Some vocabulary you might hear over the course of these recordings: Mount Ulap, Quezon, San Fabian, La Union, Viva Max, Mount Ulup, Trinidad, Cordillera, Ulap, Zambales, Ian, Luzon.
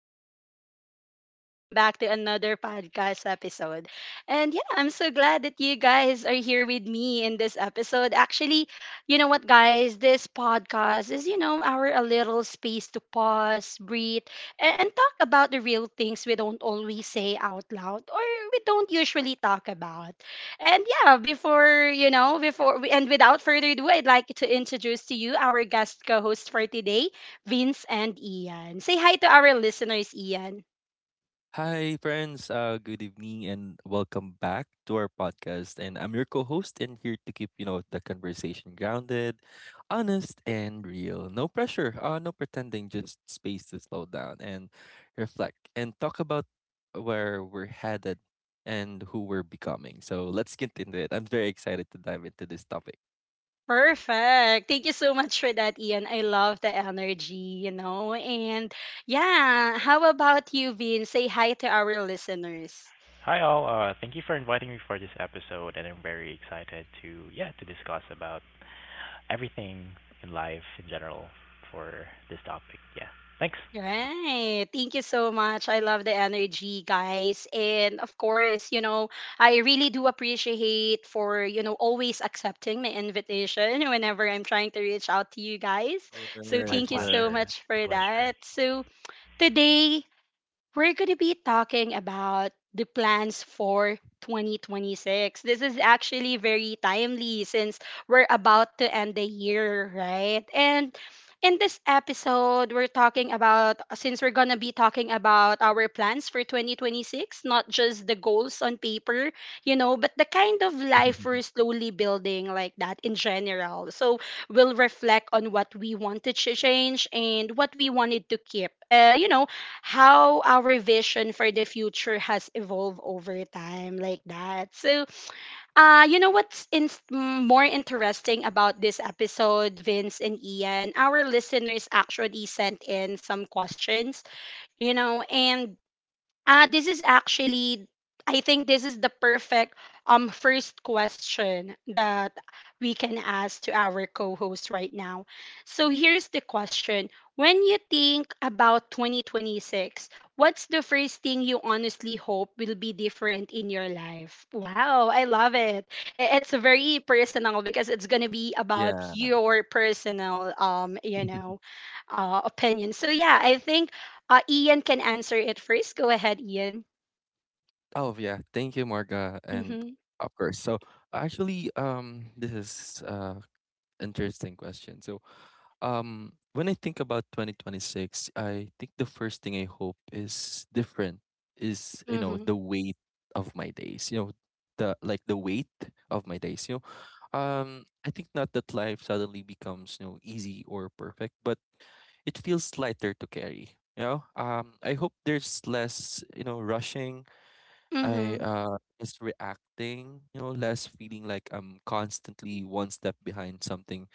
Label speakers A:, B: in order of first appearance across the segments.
A: beautiful people, and welcome back to another podcast episode. And yeah, I'm so glad that you guys are here with me in this episode. Actually, you know what, guys? This podcast is, you know, our a little space to pause, breathe, and talk about the real things we don't always say out loud or we don't usually talk about. And yeah, before, you know, before, we, and without further ado, I'd like to introduce to you our guest co host for today. Vince and Ian. Say hi to our listeners, Ian.
B: Hi, friends. Good evening and welcome back to our podcast. And I'm your co host, and here to keep the conversation grounded, honest, and real. No pressure, no pretending, just space to slow down and reflect and talk about where we're headed and who we're becoming. So let's get into it. I'm very excited to dive into this topic.
A: Perfect. Thank you so much for that, Ian. I love the energy, you know. And yeah, how about you, Vince? Say hi to our listeners.
C: Hi all. Thank you for inviting me for this episode, and I'm very excited to to discuss about everything in life in general for this topic. Yeah, thanks.
A: Right. Thank you so much. I love the energy, guys. And of course, you know, I really do appreciate for, you know, always accepting my invitation whenever I'm trying to reach out to you guys. So
C: My
B: Sure,
A: thank you
B: sure.
A: so
C: pleasure.
A: much
C: My
A: for
C: pleasure.
A: that. So today we're going to be talking about the plans for 2026. This is actually very timely since we're about to end the year, right? And in this episode, we're talking about, since we're going to be talking about our plans for 2026, not just the goals on paper, you know, but the kind of life we're slowly building like that in general. So we'll reflect on what we wanted to change and what we wanted to keep. You know, how our vision for the future has evolved over time like that. So, you know, more interesting about this episode, Vince and Ian? Our listeners actually sent in some questions, you know. And this is actually, I think this is the perfect first question that we can ask to our co-host right now. So here's the question. When you think about 2026, what's the first thing you honestly hope will be different in your life? Wow, I love it. It's very personal because it's going to be about
B: Yeah.
A: your personal you know, opinion. So yeah, I think Ian can answer it first. Go ahead, Ian.
B: Oh yeah, thank you, Marga, and
A: Mm-hmm.
B: of course. So actually, this is interesting question. So when I think about 2026, I think the first thing I hope is different is
A: Mm-hmm.
B: the weight of my days. The weight of my days. You know, I think not that life suddenly becomes easy or perfect, but it feels lighter to carry. You know, I hope there's less rushing. I
A: Mm-hmm.
B: is reacting, you know, less feeling like I'm constantly one step behind something,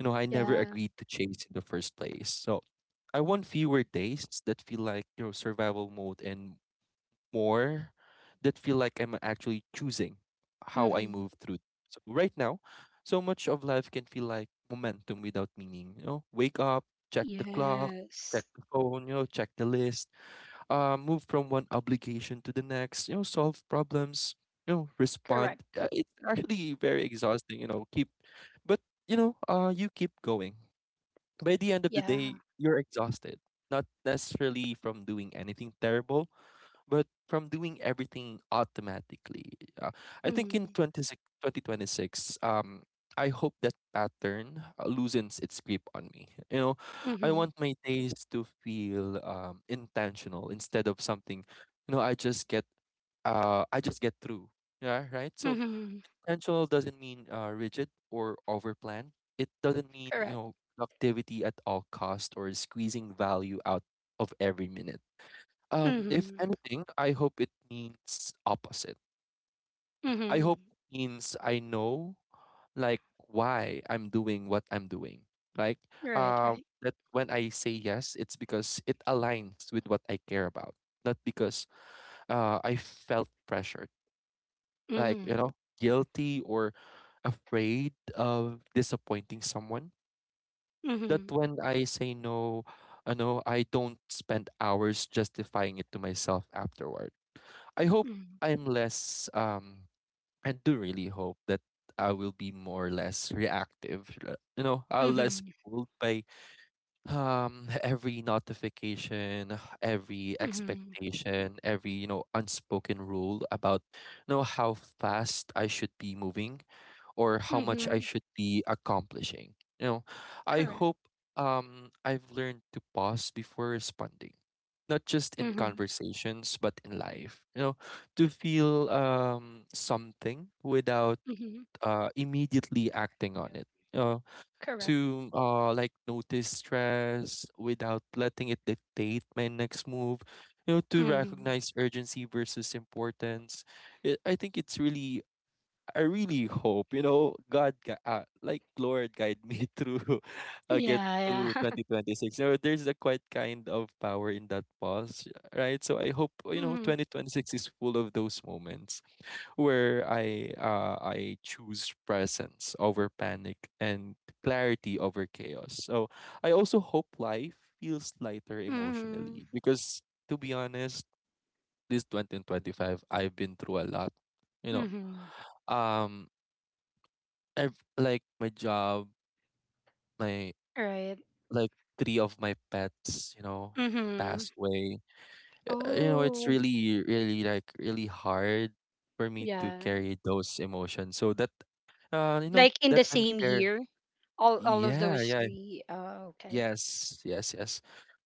B: you know, I never
A: Yeah.
B: agreed to chase in the first place. So I want fewer days that feel like, survival mode and more that feel like I'm actually choosing how I move
A: Mm-hmm.
B: through. So right now, so much of life can feel like momentum without meaning. You know, wake up, check the clock, check
A: Yes.
B: the phone, check the list, move from one obligation to the next, solve problems, respond.
A: Correct.
B: It's actually very exhausting, but you keep going. By the end of the
A: Yeah.
B: day, you're exhausted, not necessarily from doing anything terrible, but from doing everything automatically. Uh, I think in
A: Mm-hmm.
B: 2026, I hope that pattern loosens its grip on me. You know, I
A: Mm-hmm.
B: want my days to feel intentional instead of something, I just get through. Yeah, right. So
A: Mm-hmm.
B: intentional doesn't mean rigid or overplanned. It doesn't mean
A: Correct.
B: productivity at all cost or squeezing value out of every minute. If
A: Mm-hmm.
B: anything, I hope it means opposite. I
A: Mm-hmm.
B: hope it means I know like why I'm doing what I'm doing. Like
A: Right, right.
B: that when I say yes, it's because it aligns with what I care about, not because I felt pressured, like you
A: Mm-hmm.
B: know, guilty or afraid of disappointing someone. That
A: Mm-hmm.
B: when I say no, I know I don't spend hours justifying it to myself afterwards. I hope
A: Mm-hmm.
B: I'm less um I do really hope that I will be more or less reactive. You know, I'll less
A: Mm-hmm.
B: pulled by every notification, every
A: Mm-hmm.
B: expectation, every, unspoken rule about how fast I should be moving or how much I
A: Mm-hmm.
B: should be accomplishing. You know, I
A: Correct.
B: hope I've learned to pause before responding, not just in
A: Mm-hmm.
B: conversations, but in life. You know, to feel something without
A: Mm-hmm.
B: immediately acting on it. You know,
A: Correct.
B: to like notice stress without letting it dictate my next move. You know, to
A: Mm-hmm.
B: recognize urgency versus importance. It, I think it's really I really hope, you know, God, Lord, guide me through, get
A: Yeah,
B: through
A: yeah.
B: 2026. You know, there's a quite kind of power in that pause, right? So I hope, you know,
A: Mm-hmm.
B: 2026 is full of those moments where I choose presence over panic and clarity over chaos. So I also hope life feels lighter
A: Mm-hmm.
B: emotionally because, to be honest, this 2025, I've been through a lot, you know.
A: Mm-hmm.
B: Um, I've like my job, my
A: Right.
B: like three of my pets, you know,
A: Mm-hmm.
B: passed away. You know, it's
A: Oh,
B: really, really like really hard for me to
A: yeah.
B: carry those emotions. So that, you know,
A: Like in
B: that
A: the
B: I'm
A: same
B: care.
A: year, all of
B: Yeah,
A: those
B: yeah,
A: three. Oh, okay.
B: yes, yes, yes.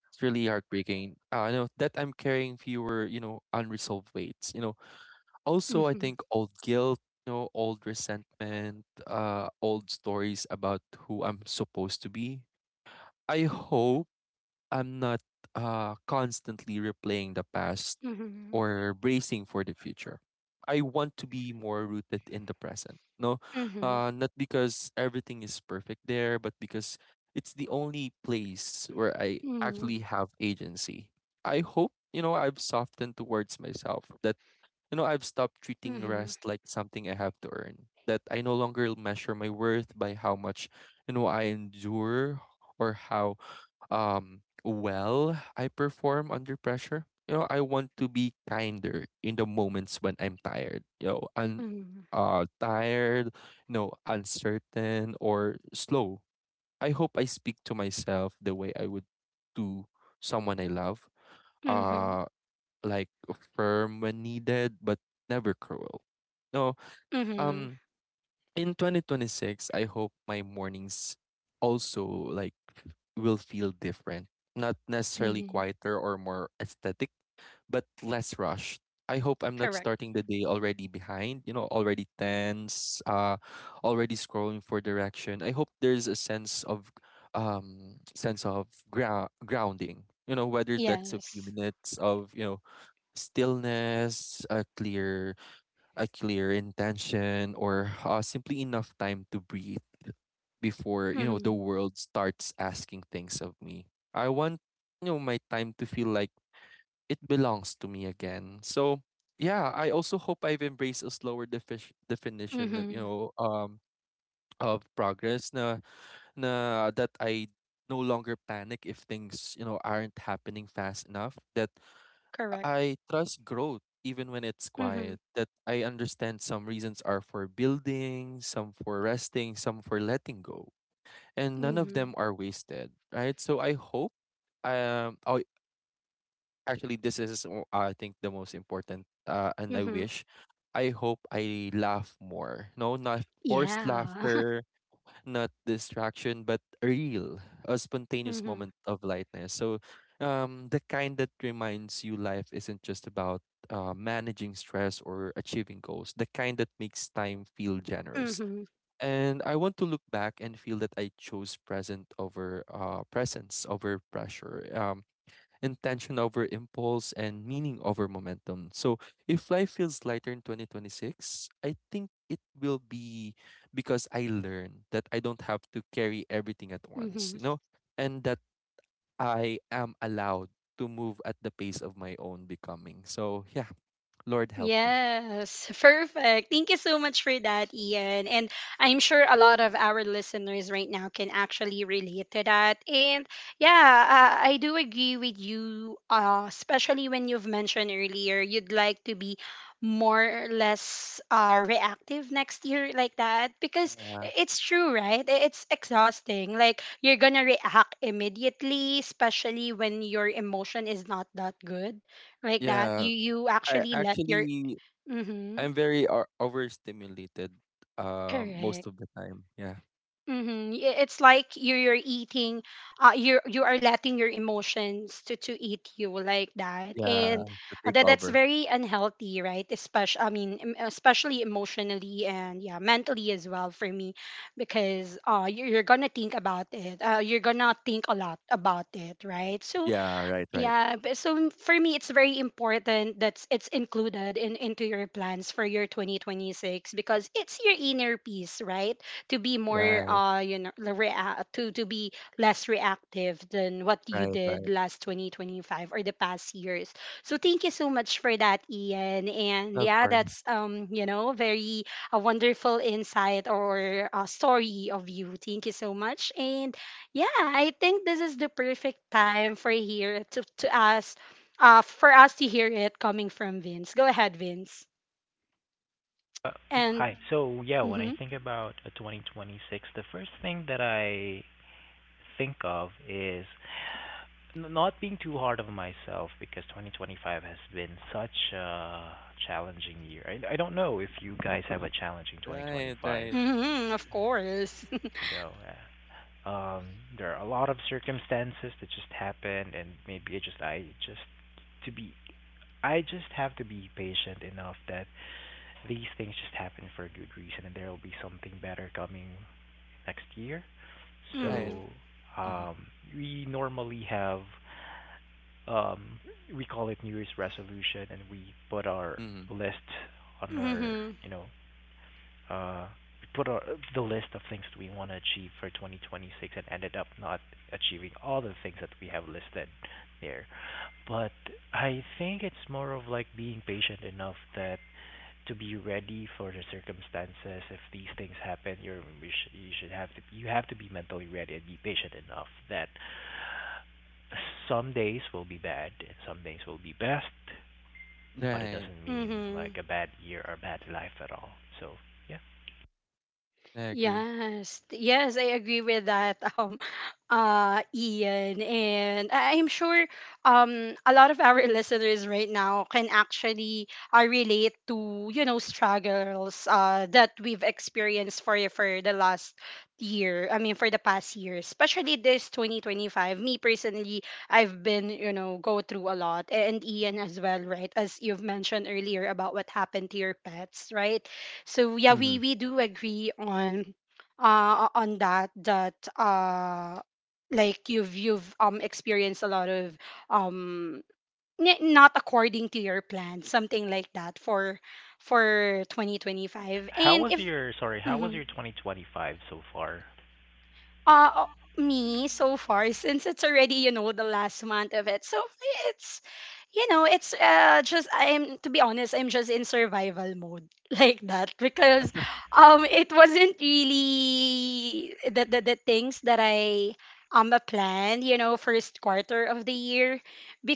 B: It's really heartbreaking. You know that I'm carrying fewer, you know, unresolved weights. You know, also I
A: Mhm.
B: think old guilt, you know, old resentment, old stories about who I'm supposed to be. I hope I'm not constantly replaying the past
A: Mhm.
B: or bracing for the future. I want to be more rooted in the present. No,
A: Mhm.
B: not because everything is perfect there, but because it's the only place where I actually
A: Mhm.
B: have agency. I hope, you know, I've softened towards myself, that, you know, I've stopped treating
A: Mhm.
B: rest like something I have to earn, that I no longer measure my worth by how much, you know, I endure or how well I perform under pressure. You know, I want to be kinder in the moments when I'm tired. You know, un
A: Mhm.
B: tired, you know, uncertain or slow. I hope I speak to myself the way I would to someone I love.
A: Mhm.
B: Uh like firm when needed but never cruel. No,
A: Mhm.
B: um in 2026 I hope my mornings also like will feel different. Not necessarily
A: Mhm.
B: quieter or more aesthetic, but less rushed. I hope I'm not
A: Correct.
B: starting the day already behind, you know, already tense, already scrolling for direction. I hope there's a sense of grounding. You know, whether that's a few
A: Yes.
B: minutes of, you know, stillness, a clear intention or simply enough time to breathe before you know the
A: Mhm.
B: world starts asking things of me. I want you know my time to feel like it belongs to me again. So yeah, I also hope I've embraced a slower definition of
A: Mhm.
B: progress, na na that I no longer panic if things you know aren't happening fast enough, that
A: Correct.
B: I trust growth even when it's quiet.
A: Mhm.
B: That I understand some reasons are for building, some for resting, some for letting go, and none of them
A: Mhm.
B: are wasted, right? So I hope um oh actually this is, I think, the most important, and I
A: Mhm.
B: wish, I hope I laugh more. No, not forced
A: Yeah.
B: laughter, not distraction, but a real, a spontaneous
A: Mhm.
B: moment of lightness. So, the kind that reminds you life isn't just about managing stress or achieving goals, the kind that makes time feel generous.
A: Mhm.
B: And I want to look back and feel that I chose present over presence over pressure. Intention over impulse, and meaning over momentum. So if life feels lighter in 2026, I think it will be because I learned that I don't have to carry everything at
A: Mhm.
B: once, you know, and that I am allowed to move at the pace of my own becoming. So yeah, Lord help me.
A: Yes, perfect. Thank you so much for that, Ian. And I'm sure a lot of our listeners right now can actually relate to that. And yeah, I do agree with you, especially when you've mentioned earlier you'd like to be more or less reactive next year like that, because
B: Yeah.
A: it's true, right? It's exhausting, like you're gonna react immediately, especially when your emotion is not that good like that. you
B: Yeah.
A: you
B: I
A: actually let your
B: actually
A: Mm-hmm.
B: I'm very overstimulated most
A: Correct.
B: of the time. Yeah.
A: Mm-hmm. It's like you're eating, you are letting your emotions to eat you like that,
B: Yeah,
A: and
B: to take
A: that's
B: over.
A: very unhealthy, right? Especially, I mean, especially emotionally and yeah, mentally as well for me, because you're gonna think about it. You're gonna think a lot about it, right? So
B: Yeah, right, right.
A: yeah. But so for me, it's very important that it's included in into your plans for your 2026, because it's your inner peace, right? To be more,
B: Right.
A: you know, to be less reactive than what you
B: Right,
A: did
B: right.
A: last 2025 or the past years. So thank you so much for that, Ian. And
B: Of
A: yeah, that's
B: course.
A: you know, very a wonderful insight or a story of you. Thank you so much. And yeah, I think this is the perfect time for here to us, for us to hear it coming from Vince. Go ahead, Vince. And
C: Hi. So yeah,
A: mm-hmm,
C: when I think about 2026, the first thing that I think of is not being too hard on myself because 2025 has been such a challenging year. I don't know if you guys have a challenging
B: Right, right.
C: 2025.
A: mm-hmm, of
B: Mhm.
A: course.
C: You know. Um, there are a lot of circumstances that just happen, and maybe it just I just to be I just have to be patient enough that these things just happen for a good reason, and there will be something better coming next year.
B: Right.
A: Mm-hmm,
C: So
B: Mm-hmm.
C: um, we normally have um, we call it New Year's resolution, and we put our
B: Mm-hmm.
C: list on our you know uh, put our, the list of things that we want to achieve for 2026 and ended up not achieving all the things that we have listed there. But I think it's more of like being patient enough that to be ready for the circumstances if these things happen you should have to you have to be mentally ready and be patient enough that some days will be bad and some days will be best, but it
B: Right.
C: doesn't mean
A: mm-hmm.
C: like a bad year or bad life at all. So yeah,
B: I agree.
A: Yes, I agree with that, Ian, and I'm sure a lot of our listeners right now can actually relate to, you know, struggles that we've experienced for the last year. I mean, for the past year, especially this 2025. Me personally, I've been, you know, go through a lot, and Ian as well, right? As you've mentioned earlier about what happened to your pets, right? So yeah,
B: Mm-hmm.
A: we do agree on that like you've experienced a lot of um not according to your plan, something like that, for 2025. And
C: how
A: if
C: was your, sorry, how
A: mhm.
C: was your 2025 so far?
A: uh uh, me so far, since it's already, you know, the last month of it, so it's, you know, it's, just I'm, to be honest, I'm just in survival mode like that, because it wasn't really the things that I planned, you know, first quarter of the year,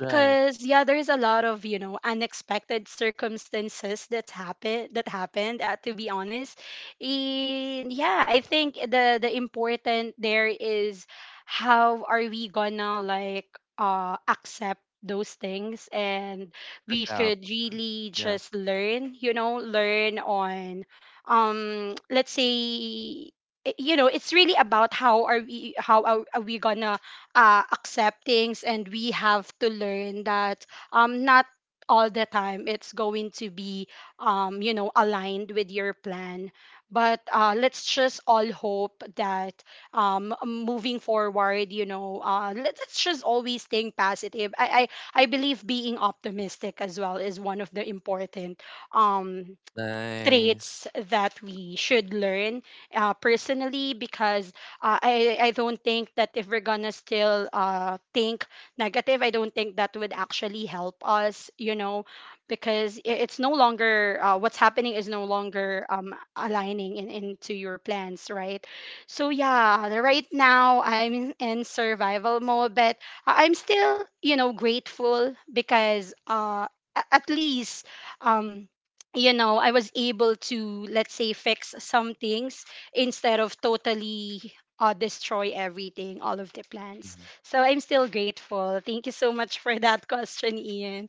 B: Right.
A: yeah, there's a lot of, you know, unexpected circumstances that happened, to be honest. And yeah, I think the important there is how are we gonna like accept those things, and we
B: Adapt.
A: should really
B: Yeah.
A: just learn, you know, learn on let's say, you know, it's really about how are we gonna accept things, and we have to learn that not all the time it's going to be you know, aligned with your plan. But let's just all hope that moving forward, you know, let's just always think positive. I believe being optimistic as well is one of the important um
B: Nice.
A: traits that we should learn personally, because I don't think that if we're gonna still think negative, I don't think that would actually help us, you know, because it's no longer what's happening is no longer aligning in, into your plans, right? So yeah, right now I'm in survival mode, but I'm still, you know, grateful, because at least um, you know, I was able to, let's say, fix some things instead of totally destroy everything, all of the plans.
B: Mhm.
A: So I'm still grateful. Thank you so much for that question, Ian.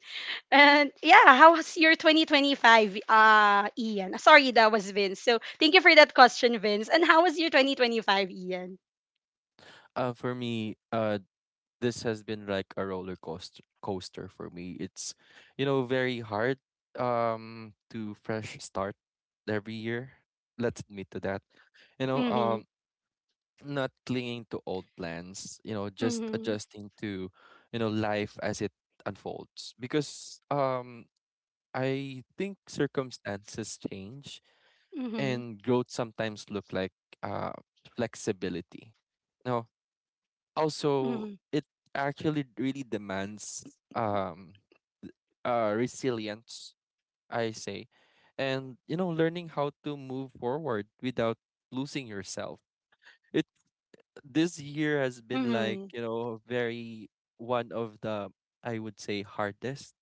A: And yeah, how was your 2025, Ian? Sorry, that was Vince. So thank you for that question, Vince. And how was your 2025, Ian?
B: For me, this has been like a roller coaster for me. It's, you know, very hard to fresh start every year. Let's admit to that. You know,
A: Mm-hmm.
B: not clinging to old plans, you know, just
A: Mm-hmm.
B: adjusting to, you know, life as it unfolds. Because I think circumstances change
A: Mm-hmm.
B: and growth sometimes look like uh flexibility. Now, also
A: Mm-hmm.
B: it actually really demands um resilience, I say. And you know, learning how to move forward without losing yourself. It This year has been like,
A: Mm-hmm.
B: you know, very one of the, I would say, hardest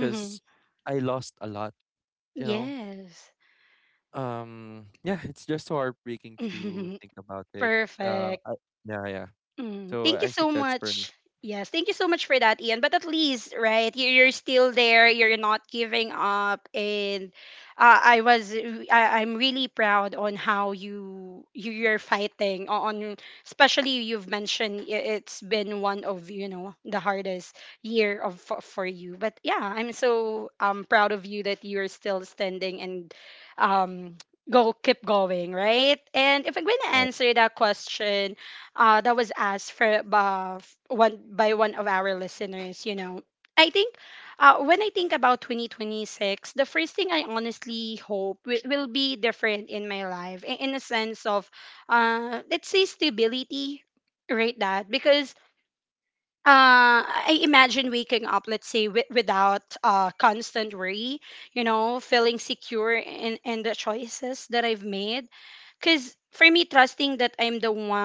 A: Mm-hmm.
B: I lost a lot, you know.
A: Yes.
B: Yeah, it's just so heartbreaking to think about it. Uh,
A: Perfect.
B: I, yeah, yeah.
A: Mm,
B: So
A: thank you
B: I think
A: so
B: that's for me.
A: much. Yes, thank you so much for that, Ian. But at least, right, you're still there. You're not giving up, and I'm really proud on how you you're fighting on. Especially you've mentioned it's been one of, you know, the hardest year of, for you. But yeah, I'm so proud of you that you're still standing and um go keep going, right? And if I'm going to
B: Uh,
A: answer that question that was asked for one by one of our listeners, you know, I think when I think about 2026, the first thing I honestly hope will be different in my life, in a sense of, let's say stability, right? That because. I imagine waking up, let's say, without constant worry, you know, feeling secure in the choices that I've made, because for me, trusting that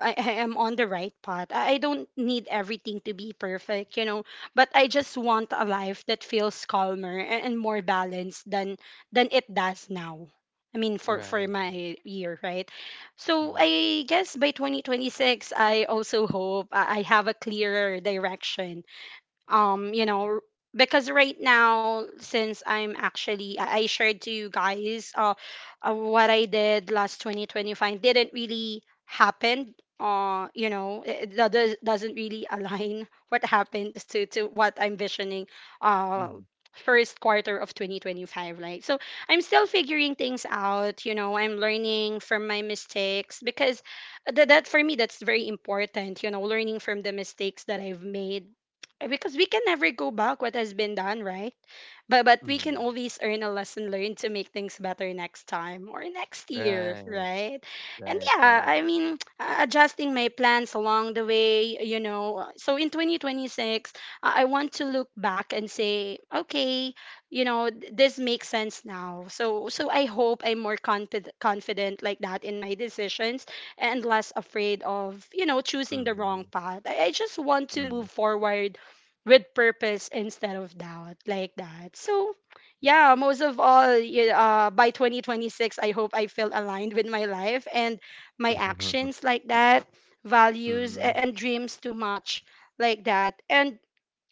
A: I am on the right path. I don't need everything to be perfect, you know. But I just want a life that feels calmer and more balanced than it does now. I mean, for
B: Right.
A: my year, right? So
B: Mm.
A: I guess by 2026, I also hope I have a clearer direction, um you know because right now, since I'm actually I shared to you guys what I did last 2025 didn't really happen. Doesn't really align what happened to what I'm visioning uh
B: Mm-hmm.
A: first quarter of 2025, right? So I'm still figuring things out, you know, I'm learning from my mistakes because that, that for me, that's very important, you know, learning from the mistakes that I've made, because we can never go back what has been done, right? But we can
B: Mm.
A: always earn a lesson learned to make things better next time or next year,
B: Right.
A: right? And
B: Right.
A: yeah,
B: Right.
A: I mean, adjusting my plans along the way, you know. So in 2026, I want to look back and say, okay, you know, this makes sense now. So I hope I'm more confident like that in my decisions and less afraid of, you know, choosing the
B: Mm.
A: wrong path. I just want to
B: Mm.
A: move forward with purpose instead of doubt, like that. So yeah, most of all, by 2026, I hope I feel aligned with my life and my actions, like that, values
B: Mm.
A: and dreams too much like that. And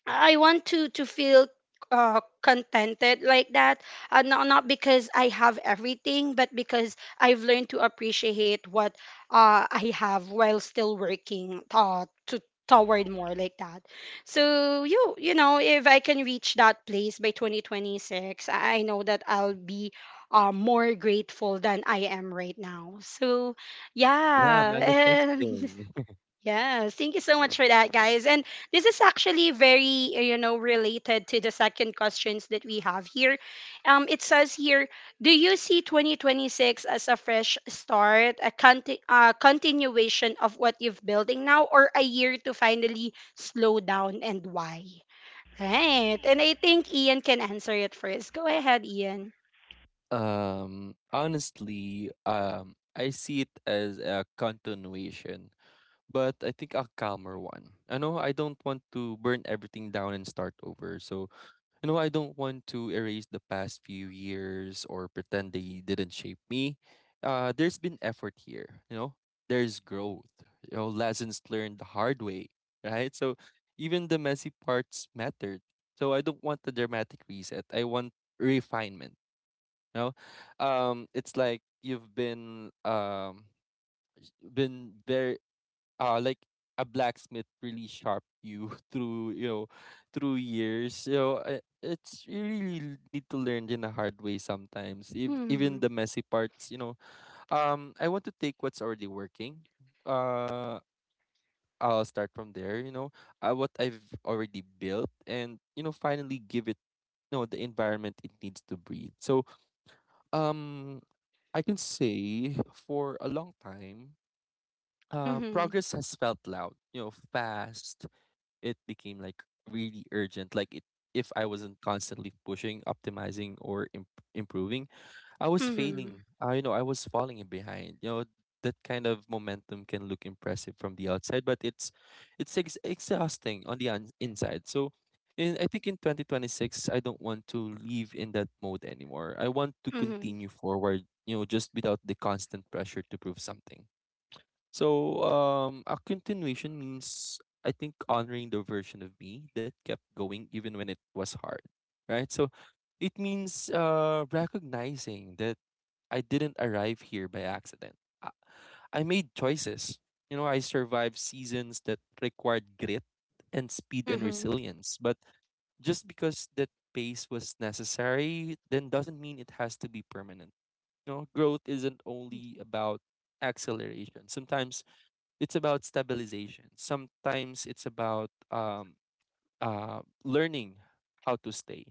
A: I want to feel contented, like that. Not because I have everything, but because I've learned to appreciate what I have, while still working to toward more, like that. So you know if I can reach that place by 2026, I know that I'll be more grateful than I am right now. So
B: Yeah,
A: yeah. and.
B: manifesting.
A: Yes, thank you so much for that, guys. And this is actually very, you know, related to the second questions that we have here. It says here, do you see 2026 as a fresh start, a continuation of what you've building now, or a year to finally slow down, and why? Right. And I think Ian can answer it first. Go ahead, Ian.
B: Honestly, I see it as a continuation, but I think a calmer one. You know, I don't want to burn everything down and start over. So, you know, I don't want to erase the past few years or pretend they didn't shape me. There's been effort here, you know, there's growth, you know, lessons learned the hard way, right? So, even the messy parts mattered. So, I don't want a dramatic reset. I want refinement. No, it's like you've been, been very uh, like a blacksmith really sharp, you through, you know, through years. You know, it's you really need to learn in a hard way sometimes. If,
A: Mm-hmm.
B: even the messy parts, you know. I want to take what's already working. Uh, I'll start from there. You know, what I've already built, and you know, finally give it the environment it needs to breathe. So um I can say for a long time,
A: Mm-hmm.
B: progress has felt loud, you know, fast. It became like really urgent. Like it, if I wasn't constantly pushing, optimizing, or improving, I was
A: Mm-hmm.
B: failing. I you know I was falling in behind. You know that kind of momentum can look impressive from the outside, but it's exhausting on the inside. So, in I think in 2026, I don't want to live in that mode anymore. I want to
A: Mm-hmm.
B: continue forward. You know, just without the constant pressure to prove something. So, a continuation means I think honoring the version of me that kept going even when it was hard, right? So, it means recognizing that I didn't arrive here by accident. I, I made choices. You know, I survived seasons that required grit and speed and
A: Mm-hmm.
B: resilience. But just because that pace was necessary, then doesn't mean it has to be permanent. You know, growth isn't only about acceleration. Sometimes it's about stabilization. Sometimes it's about learning how to stay.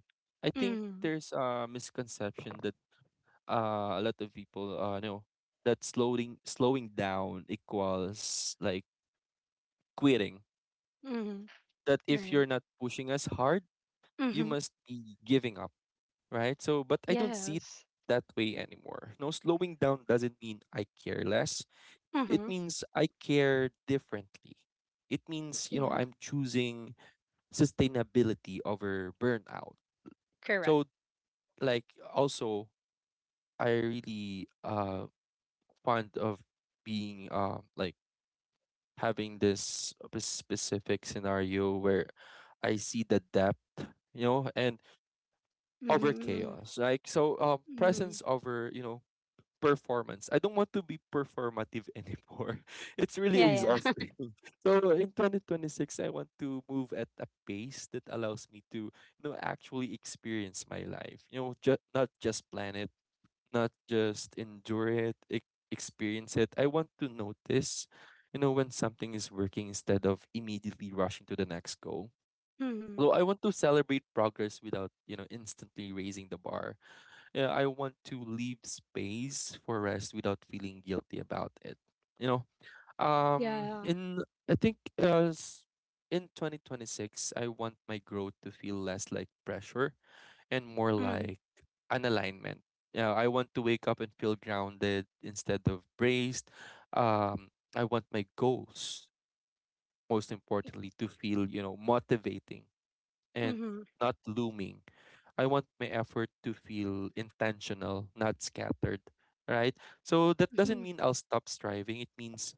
B: I think
A: Mm-hmm.
B: there's a misconception that a lot of people know that slowing down equals like quitting. That if
A: Right.
B: you're not pushing as hard, you
A: Mm-hmm.
B: must be giving up, right? So, but I don't see it
A: Yes.
B: that way anymore. No, slowing down doesn't mean I care less. It
A: Mm-hmm.
B: means I care differently. It means you know
A: Yeah.
B: I'm choosing sustainability over burnout.
A: Correct.
B: So, like also, I really fond of being like having this p- specific scenario where I see the depth, you know, and
A: Mm-hmm.
B: over
A: Mm-hmm.
B: chaos. Like so,
A: Mm-hmm.
B: presence over you know performance. I don't want to be performative anymore. It's really
A: Yeah, yeah.
B: exhausting. So in 2026, I want to move at a pace that allows me to you know actually experience my life. You know, not just plan it, not just endure it, experience it. I want to notice, you know, when something is working instead of immediately rushing to the next goal.
A: Mm-hmm.
B: So I want to celebrate progress without, you know, instantly raising the bar. Yeah, I want to leave space for rest without feeling guilty about it. You know, um,
A: Yeah.
B: in I think as in 2026, I want my growth to feel less like pressure and more
A: Mm-hmm.
B: like an alignment. Yeah, I want to wake up and feel grounded instead of braced. I want my goals, most importantly, to feel, you know, motivating and
A: Mm-hmm.
B: not looming. I want my effort to feel intentional, not scattered, right? So that
A: Mm-hmm.
B: doesn't mean I'll stop striving. It means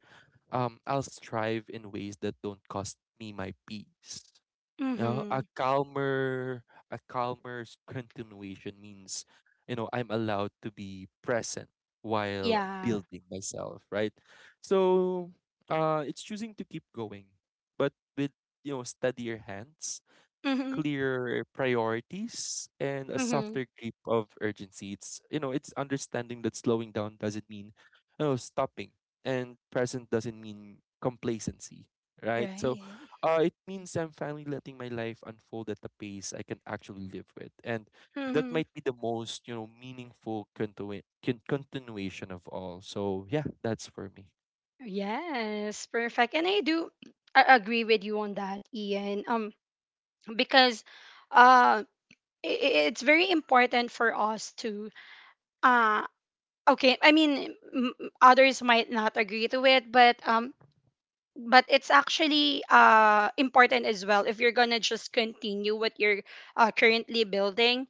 B: I'll strive in ways that don't cost me my peace. You know,
A: Mm-hmm.
B: a calmer continuation means, you know, I'm allowed to be present while
A: Yeah.
B: building myself, right? So, it's choosing to keep going, but with, you know, steadier hands
A: Mm-hmm.
B: clear priorities and a
A: Mm-hmm.
B: softer grip of urgency. It's you know, it's understanding that slowing down doesn't mean no stopping and present doesn't mean complacency. Right. So
A: Right.
B: it means I'm finally letting my life unfold at the pace I can actually live with. And that
A: Mm-hmm.
B: might be the most, you know, meaningful continuation of all. So yeah, that's for me.
A: Yes. Perfect. And I do agree with you on that, Ian. Because, uh, it's very important for us to uh. Okay, I mean, others might not agree to it, but it's actually important as well if you're gonna just continue what you're currently building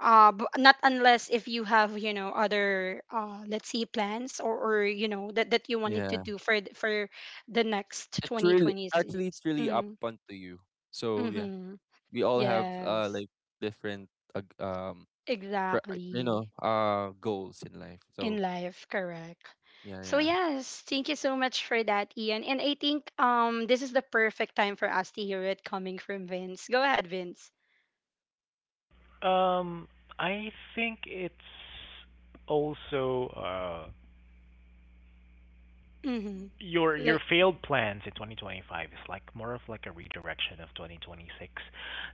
A: not unless if you have, you know, other, uh, let's say, plans, or you know that you wanted to
B: Yeah.
A: do for for the next
B: It's really actually
A: 2026.
B: it's really up onto you. So yeah.
A: Mm-hmm.
B: We all have
A: Yes,
B: like different uh, g- um you
A: exactly,
B: know goals in life so
A: in life, correct.
B: yeah
A: So
B: yeah.
A: yes, thank you so much for that, Ian. And I think, um, this is the perfect time for us to hear it coming from Vince. Go ahead, Vince.
C: Um, I think it's also uh
A: Mm-hmm.
C: your
A: Like,
C: failed plans in 2025 is like more of like a redirection of 2026.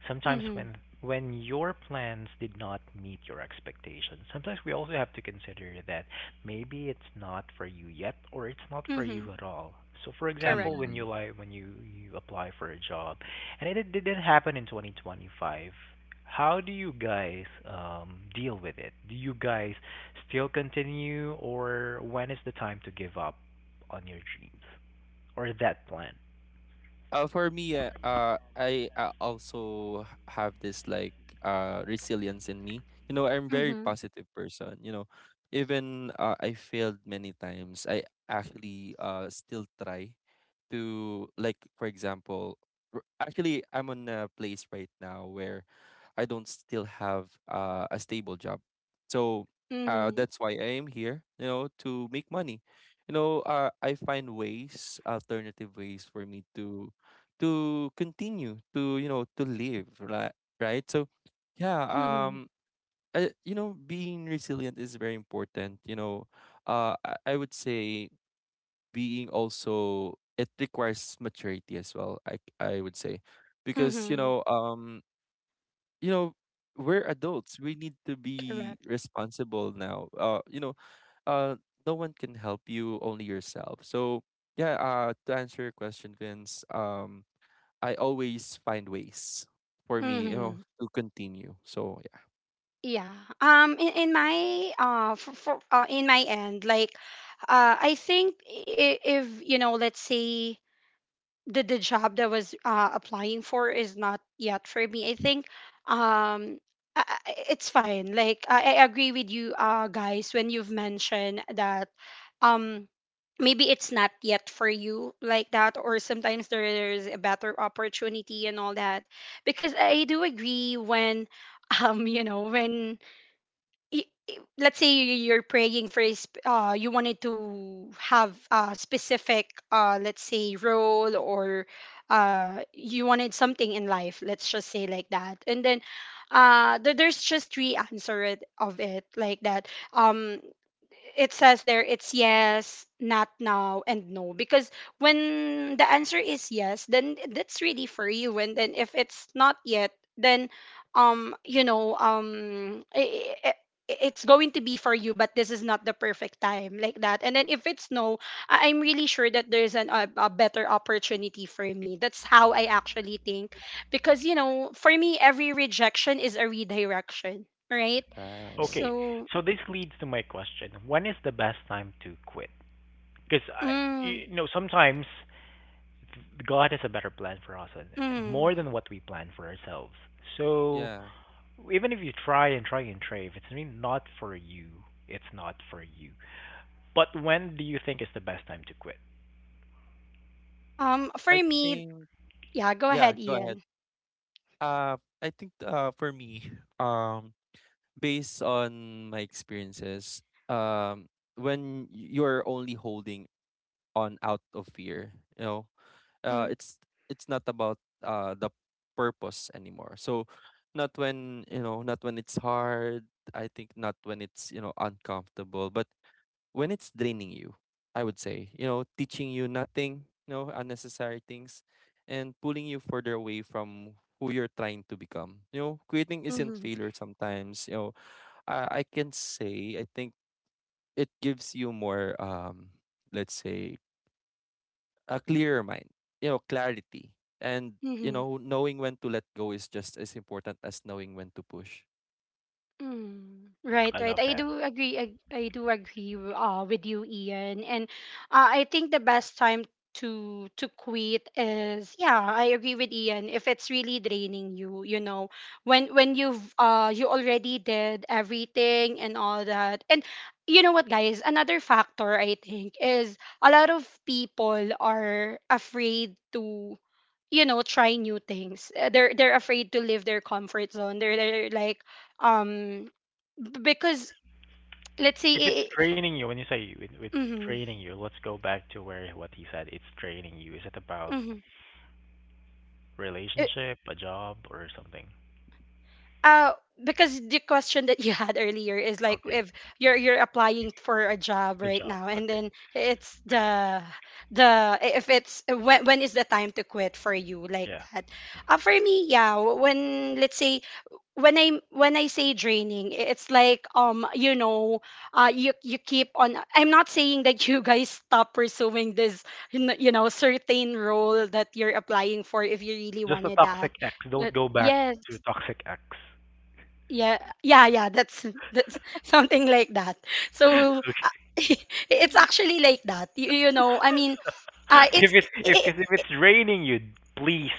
C: Sometimes
A: mm-hmm.
C: when your plans did not meet your expectations, sometimes we also have to consider that maybe it's not for you yet or it's not for you
A: Mm-hmm.
C: at all. So for
A: Correct.
C: example, when you
B: Mm.
C: like when you apply for a job and it didn't happen in 2025, how do you guys deal with it? Do you guys still continue or when is the time to give up on your dreams or that plan?
B: For me I also have this like resilience in me. You know, I'm very
A: Mm-hmm.
B: positive person. You know, even I failed many times, I actually still try to like for example actually I'm on a place right now where I don't still have a stable job. So
A: Mm-hmm.
B: that's why I am here, you know, to make money. You know, I find ways, alternative ways for me to continue to you know to live, right? Right. So yeah,
A: Mm-hmm.
B: you know, being resilient is very important. You know, I would say being also it requires maturity as well. I would say because
A: Mm-hmm.
B: you know we're adults we need to be
A: Correct.
B: responsible now you know uh no one can help you only yourself. So yeah, to answer your question, Vince, I always find ways for me you know
A: Mm-hmm.
B: to continue. So yeah.
A: Yeah. Um, in my for in my end, like, uh, I think, if you know, let's say, the job that I was, applying for is not yet for me. I think, um, I, I- it's fine. Like, I agree with you, uh, guys, when you've mentioned that, um, maybe it's not yet for you, like that, or sometimes there is a better opportunity and all that, because I do agree when um, you know, when let's say you're praying for a you wanted to have a specific uh, let's say, role, or uh, you wanted something in life, let's just say, like that. And then uh, there's just three answer it, of it, like that, um, it says there it's yes, not now, and no. Because when the answer is yes, then that's really for you. And then if it's not yet, then, um, you know, um, it's going to be for you, but this is not the perfect time, like that. And then if it's no, I'm really sure that there's a better opportunity for me. That's how I actually think, because you know, for me, every rejection is a redirection, right?
B: Right.
C: Okay,
A: So,
C: so this leads to my question: when is the best time to quit? Because I,
A: mm,
C: you know, sometimes God has a better plan for us, and
A: mm.
C: more than what we plan for ourselves. So
B: Yeah,
C: even if you try and try and try, if it's really not for you, it's not for you. But when do you think is the best time to quit?
A: Um, for
B: I
A: me,
B: think
A: yeah, go
B: yeah
A: ahead,
B: go ahead.
A: Ian.
B: I think for me um based on my experiences um when you're only holding on out of fear, you know, uh,
A: Mm,
B: it's it's not about the purpose anymore. So not when you know, not when it's hard. I think not when it's you know uncomfortable, but when it's draining you. I would say you know teaching you nothing, you know unnecessary things, and pulling you further away from who you're trying to become. You know, quitting isn't
A: mm-hmm,
B: failure. Sometimes you know I can say I think it gives you more let's say a clearer mind, you know, clarity. And, you
A: mm.
B: know, knowing when to let go is just as important as knowing when to push.
A: Mm, right,
C: I
A: right.
C: love
A: I
C: that.
A: do agree. I do agree, with you, Ian. And I think the best time to quit is, yeah, I agree with Ian. If it's really draining you, you know, when you've uh, you already did everything and all that. And you know what, guys? Another factor, I think, is a lot of people are afraid to, you know, try new things. They're afraid to leave their comfort zone. They're like, um, because, let's say,
C: If it's
A: it,
C: draining you, when you say it's
A: mm-hmm,
C: draining you, let's go back to where what he said. It's draining you. Is it about
A: mm-hmm. It-
C: relationship, a job, or something?
A: uh because the question that you had earlier is like,
C: Okay.
A: if you're, you're applying for a job
C: A
A: right
C: job.
A: now, and
C: Okay.
A: then it's the if it's, when is the time to quit for you, like
C: Yeah.
A: that? Uh, for me, yeah, when, let's say, when I say draining, it's like, um, you know, uh, you keep on. I'm not saying that you guys stop pursuing this, you know, certain role that you're applying for, if you really
C: Just a
A: wanted
C: toxic
A: that.
C: ex. Don't
A: But
C: go back
A: yes,
C: to toxic ex.
A: yeah, yeah, yeah. That's something like that. So
C: Okay.
A: it's actually like that. You know, I mean,
C: If
A: it's
C: it
A: i i
C: if
A: i-
C: it's raining you, please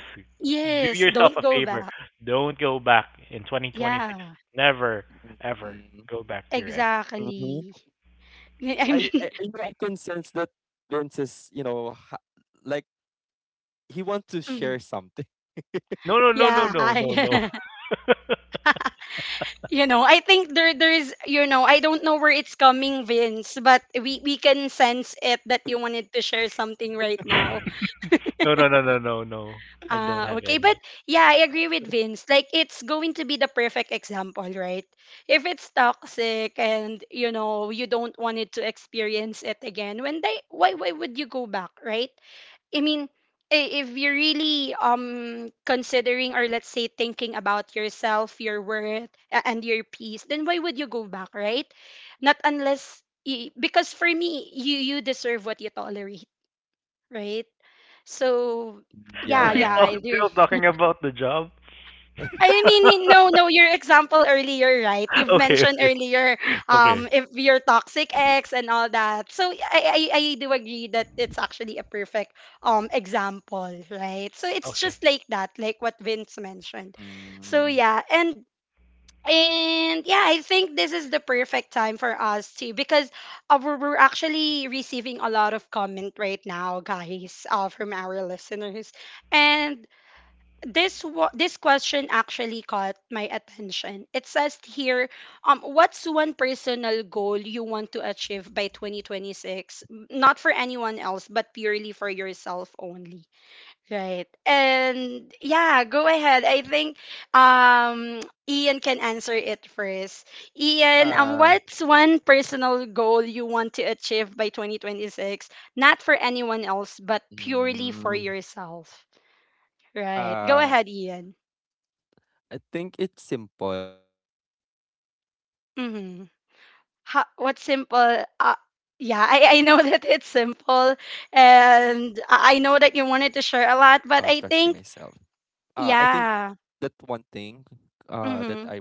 C: do
A: yes.
C: yourself
A: Don't
C: a
A: go
C: favor.
A: back.
C: Don't go back in 2026.
A: Yeah,
C: Never ever
B: Mm-hmm.
C: go back to your ex.
B: Mm-hmm.
A: exactly. I
B: I,
C: It,
A: mean.
B: I, I know I can sense that Vince is, you know, like he wants to share something.
C: no, no, no, no,
A: Yeah,
C: no, no, no.
A: I, you know, I think there there is, you know, I don't know where it's coming, Vince, but we can sense it that you wanted to share something right now.
C: No, no, no, no, no, no. I don't
A: Ah,
C: have
A: okay. But
C: any.
A: yeah, I agree with Vince. Like, it's going to be the perfect example, right? If it's toxic and, you know, you don't want it to experience it again, when they, why would you go back, right? I mean, if you're really, um, considering, or let's say, thinking about yourself, your worth, and your peace, then why would you go back, right? Not unless because for me, you deserve what you tolerate, right? So
C: Are
A: yeah,
C: we
A: yeah,
B: Yeah.
A: I do.
C: still talking about the job?
A: I mean, no, no, your example earlier, right? You've
C: Okay,
A: mentioned
C: okay,
A: earlier,
C: okay,
A: if your toxic ex and all that. So I do agree that it's actually a perfect example, right? So it's
C: okay.
A: just like that, like what Vince mentioned. So
B: Mm.
A: yeah, and yeah, I think this is the perfect time for us to, because, we're actually receiving a lot of comment right now, guys, from our listeners, and this question actually caught my attention. It says here, what's one personal goal you want to achieve by 2026? Not for anyone else, but purely for yourself only, right? And yeah, go ahead. I think, um, Ian can answer it first. Ian,
B: Uh,
A: what's one personal goal you want to achieve by 2026? Not for anyone else, but purely for
B: mm.
A: yourself. Right. Go
B: I
A: ahead, Ian.
B: think it's simple. You
A: Mm-hmm.
B: know, I
A: How,
B: really
A: what's
B: have a
A: simple?
B: struggle
A: Yeah,
B: with
A: I know
B: self
A: that it's
B: confidence, you
A: simple.
B: know, trusting
A: And
B: myself.
A: I know that you wanted to
B: I
A: share a
B: think
A: lot, but I
B: that
A: think,
B: one thing
A: yeah.
B: that I want to achieve, I think
A: Mm-hmm.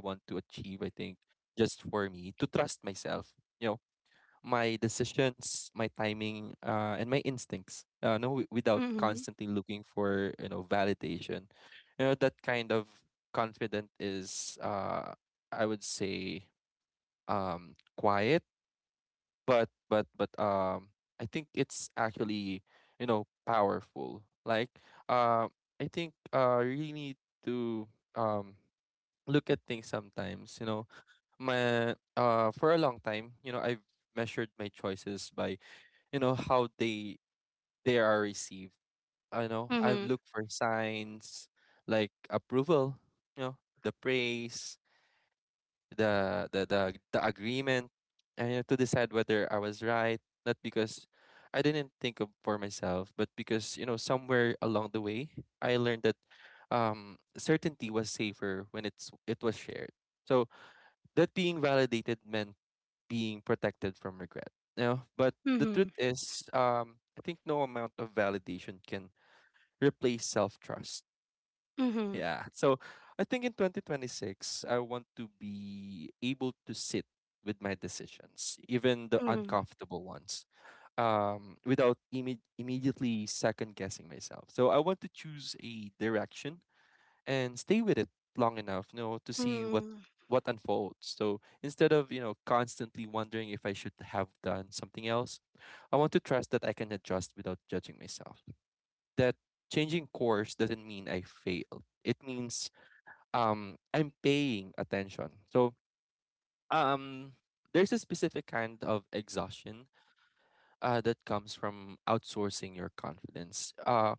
B: just for me to trust myself, you know, my decisions, my timing, and my instincts. No without
A: Mm-hmm.
B: constantly looking for, you know, validation. You know, that kind of confident is I would say quiet but I think it's actually you know powerful. Like, uh, I think you really need to um look at things sometimes. You know, my for a long time, you know, I've measured my choices by you know how they are received. I know I've
A: Mm-hmm.
B: looked for signs like approval, you know, the praise, the the the, the agreement, and you know, to decide whether I was right, not because I didn't think of for myself, but because you know somewhere along the way I learned that certainty was safer when it was shared. So that being validated meant being protected from regret. You know? But the
A: Mm-hmm.
B: truth is, I think no amount of validation can replace self trust.
A: Mm-hmm.
B: Yeah. So I think in 2026, I want to be able to sit with my decisions, even the
A: Mm-hmm.
B: uncomfortable ones, without immediately second guessing myself. So I want to choose a direction and stay with it long enough, you know, to see
A: Mm-hmm.
B: what unfolds. So instead of, you know, constantly wondering if I should have done something else, I want to trust that I can adjust without judging myself. That changing course doesn't mean I failed. It means I'm paying attention. So um there's a specific kind of exhaustion that comes from outsourcing your confidence.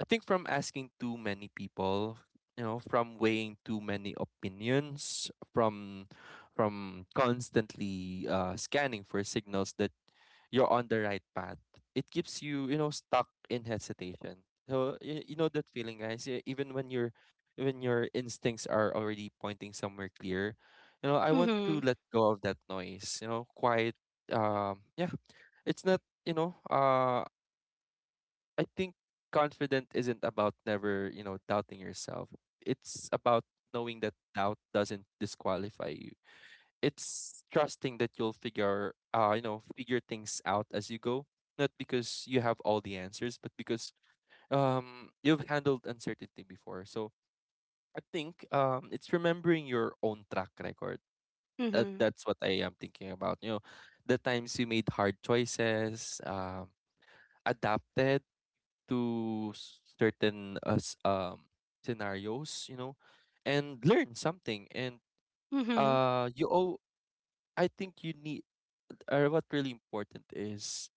B: I think from asking too many people, you know, from weighing too many opinions, from constantly scanning for signals that you're on the right path. It keeps you, you know, stuck in hesitation. So you know that feeling, guys. Even when your instincts are already pointing somewhere clear, you know, I want to
A: Mm-hmm.
B: let go of that noise. You know, quiet. Yeah, it's not. You know, I think confident isn't about never, you know, doubting yourself. It's about knowing that doubt doesn't disqualify you. It's trusting that you'll figure you know, figure things out as you go. Not because you have all the answers, but because you've handled uncertainty before. So I think it's remembering your own track record.
A: Mm-hmm.
B: That's what I am thinking about. You know, the times you made hard choices, adapted to certain as scenarios, you know, and learn something. And
A: Mm-hmm.
B: you all, I think you need. What really important is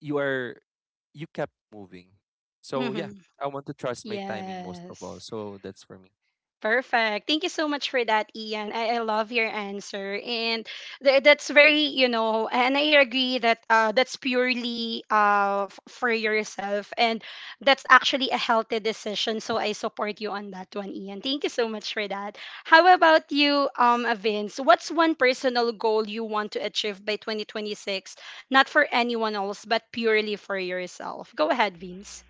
B: you are you kept moving. So yeah,
A: Mm-hmm.
B: I want to trust my timing most of all.
A: Yes.
B: So that's for me.
A: Perfect. Thank you so much for that, Ian. I love your answer. And that's very, you know, and I agree that, that's purely, for yourself. And that's actually a healthy decision. So I support you on that one, Ian. Thank you so much for that. How about you, Vince? What's one personal goal you want to achieve by 2026? Not for anyone else, but purely for yourself. Go ahead, Vince.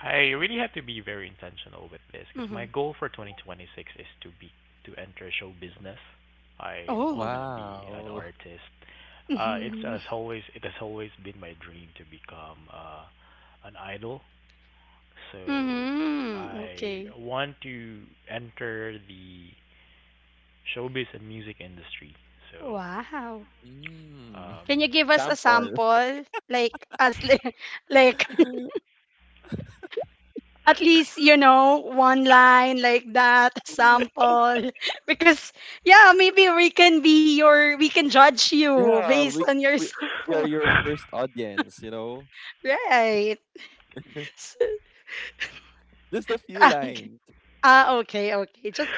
C: I really have to be very intentional with this because
A: Hmm.
C: my goal for 2026 is to be to enter show business. I
A: Oh.
C: wanna be an
B: Wow.
C: artist. Uh, it's
A: Hmm.
C: as always it has always been my dream to become an idol. So
A: Mm-hmm.
C: I
A: Okay.
C: want to enter the showbiz and music industry. So
A: Wow.
B: Mm.
C: um,
A: Can you give us a
B: Sample.
A: sample? Like like at least, you know, one line like that sample because yeah, maybe we can be your, we can judge you
B: Yeah,
A: based on your
B: we we are
A: sample.
B: your first audience, you know.
A: Right. So,
B: Just a few
A: ah, okay.
B: lines.
A: Ah, okay, okay, just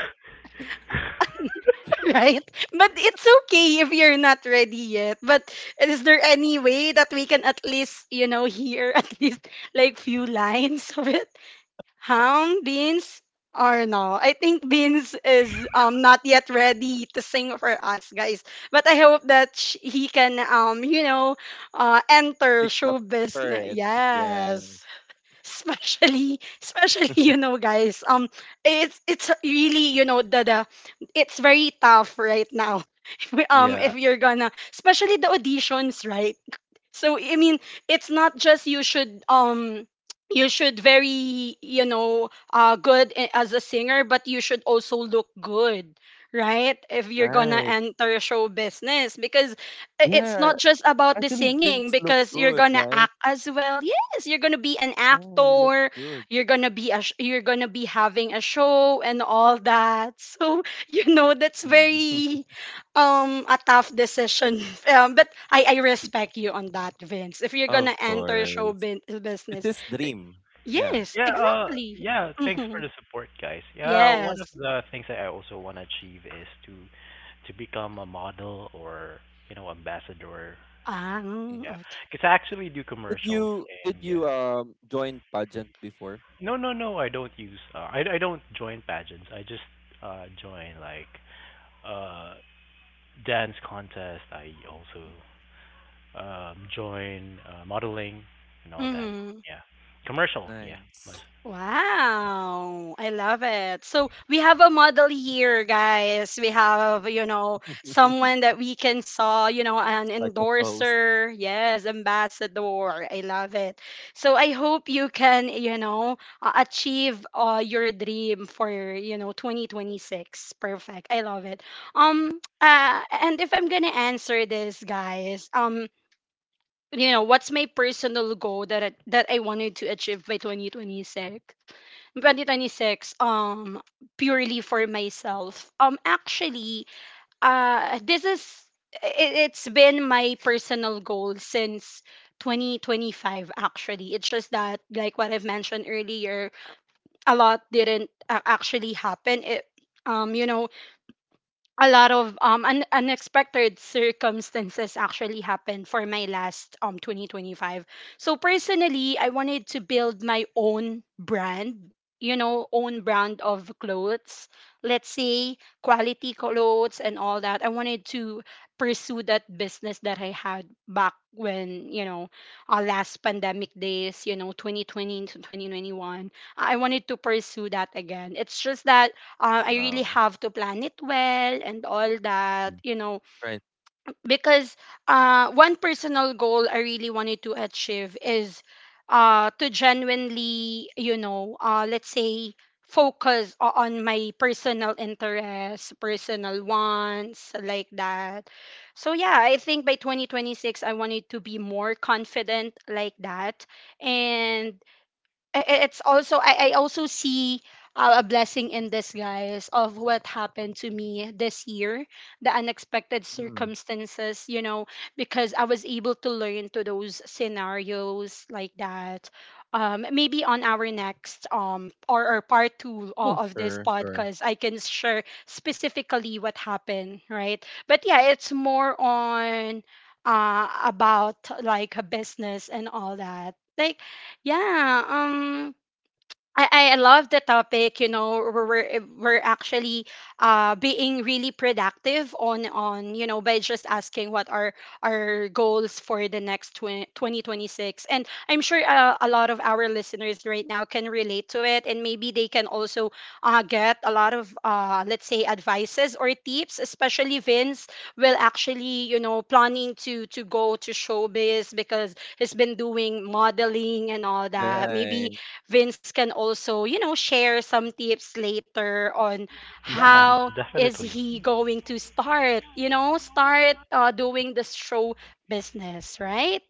A: right, but it's okay if you're not ready yet, but is there any way that we can at least, you know, hear at least like few lines of it? Ham, beans, or no? I think beans is not yet ready to sing for us, guys. But I hope that he can, um, you know, uh, enter
B: Take the
A: show business.
B: courage. Yeah.
A: Yes, especially, especially you know, guys, um, it's really, you know, the it's very tough right now. Um,
B: Yeah,
A: if you're gonna, especially the auditions, right? So I mean, it's not just you should um, you should very, you know, uh, good as a singer, but you should also look good, right? If you're gonna
B: right.
A: enter show business, because it's
B: Yeah,
A: not just about the
B: actually
A: singing,
B: Vince looked
A: because you're
B: good,
A: gonna
B: right?
A: act as well. Yes, you're gonna be an
B: Yeah, he looked
A: actor.
B: good.
A: You're gonna be a you're gonna be having a show and all that. So you know that's
B: Mm.
A: very a tough decision. But I respect you on that, Vince. If you're
B: Of
A: gonna enter
B: course.
A: business,
B: It's
A: b-
B: dream. Yeah.
A: yes,
C: yeah,
A: exactly.
B: Mm.
C: yeah, thanks for
A: Hmm.
C: the support, guys. Yeah, one of
A: Yes.
C: the things that I also want to achieve is to become a model or, you know, ambassador.
A: Ah, mm,
B: Mhm.
C: Yeah.
A: okay.
C: 'Cause I actually do
B: Did
C: commercials
B: you did
C: and yeah.
B: you join pageant before?
C: No, no, no, I don't use I don't join pageants. I just join like uh dance contest. I also
B: Mm.
C: join modeling and all that.
A: Mm-hmm.
C: Yeah. Commercial, yeah. Most-
B: Nice.
A: Wow, I love it. So we have a model here, guys. We have, you know, someone that we can saw, you know, an
B: It's like a post
A: endorser. Yes, ambassador. I love it. So I hope you can, you know, achieve your dream for, you know, 2026. Perfect. I love it. Um, uh, and if I'm going to answer this, guys, um, you know, what's my personal goal that I wanted to achieve by 2026? 2026, purely for myself. Actually, this is, it's been my personal goal since 2025, actually. It's just that, like what I've mentioned earlier, a lot didn't actually happen. It, um you know a lot of unexpected circumstances actually happened for my last 2025. So personally, I wanted to build my own brand, you know, own brand of clothes. Let's say quality clothes and all that. I wanted to pursue that business that I had back when, you know, our last pandemic days, you know, 2020 to 2021. I wanted to pursue that again. It's just that I really
B: now.
A: have to plan it well and all that,
B: Mm.
A: you know,
B: Right.
A: because one personal goal I really wanted to achieve is to genuinely, you know, let's say, focus on my personal interests, personal wants, like that. So yeah, I think by 2026, I wanted to be more confident like that. And it's also, I also see a blessing in disguise of what happened to me this year, the unexpected
B: Mm.
A: circumstances, you know, because I was able to learn to those scenarios like that. Maybe on our next, or part two,
B: Oh,
A: of this
B: sure, sure.
A: podcast, I can share specifically what happened, right? But yeah, it's more on about like a business and all that, like, yeah. I love the topic. You know, we're we're actually being really productive on you know, by just asking what are our goals for the next twenty six. And I'm sure a lot of our listeners right now can relate to it, and maybe they can also get a lot of let's say, advices or tips. Especially Vince will actually, you know, planning to go to showbiz because he's been doing modeling and all that. Maybe
B: Right.
A: Vince can also, you know, share some tips later on,
C: yeah,
A: how is
C: definitely.
A: he going to start, you know, start doing the show business, right?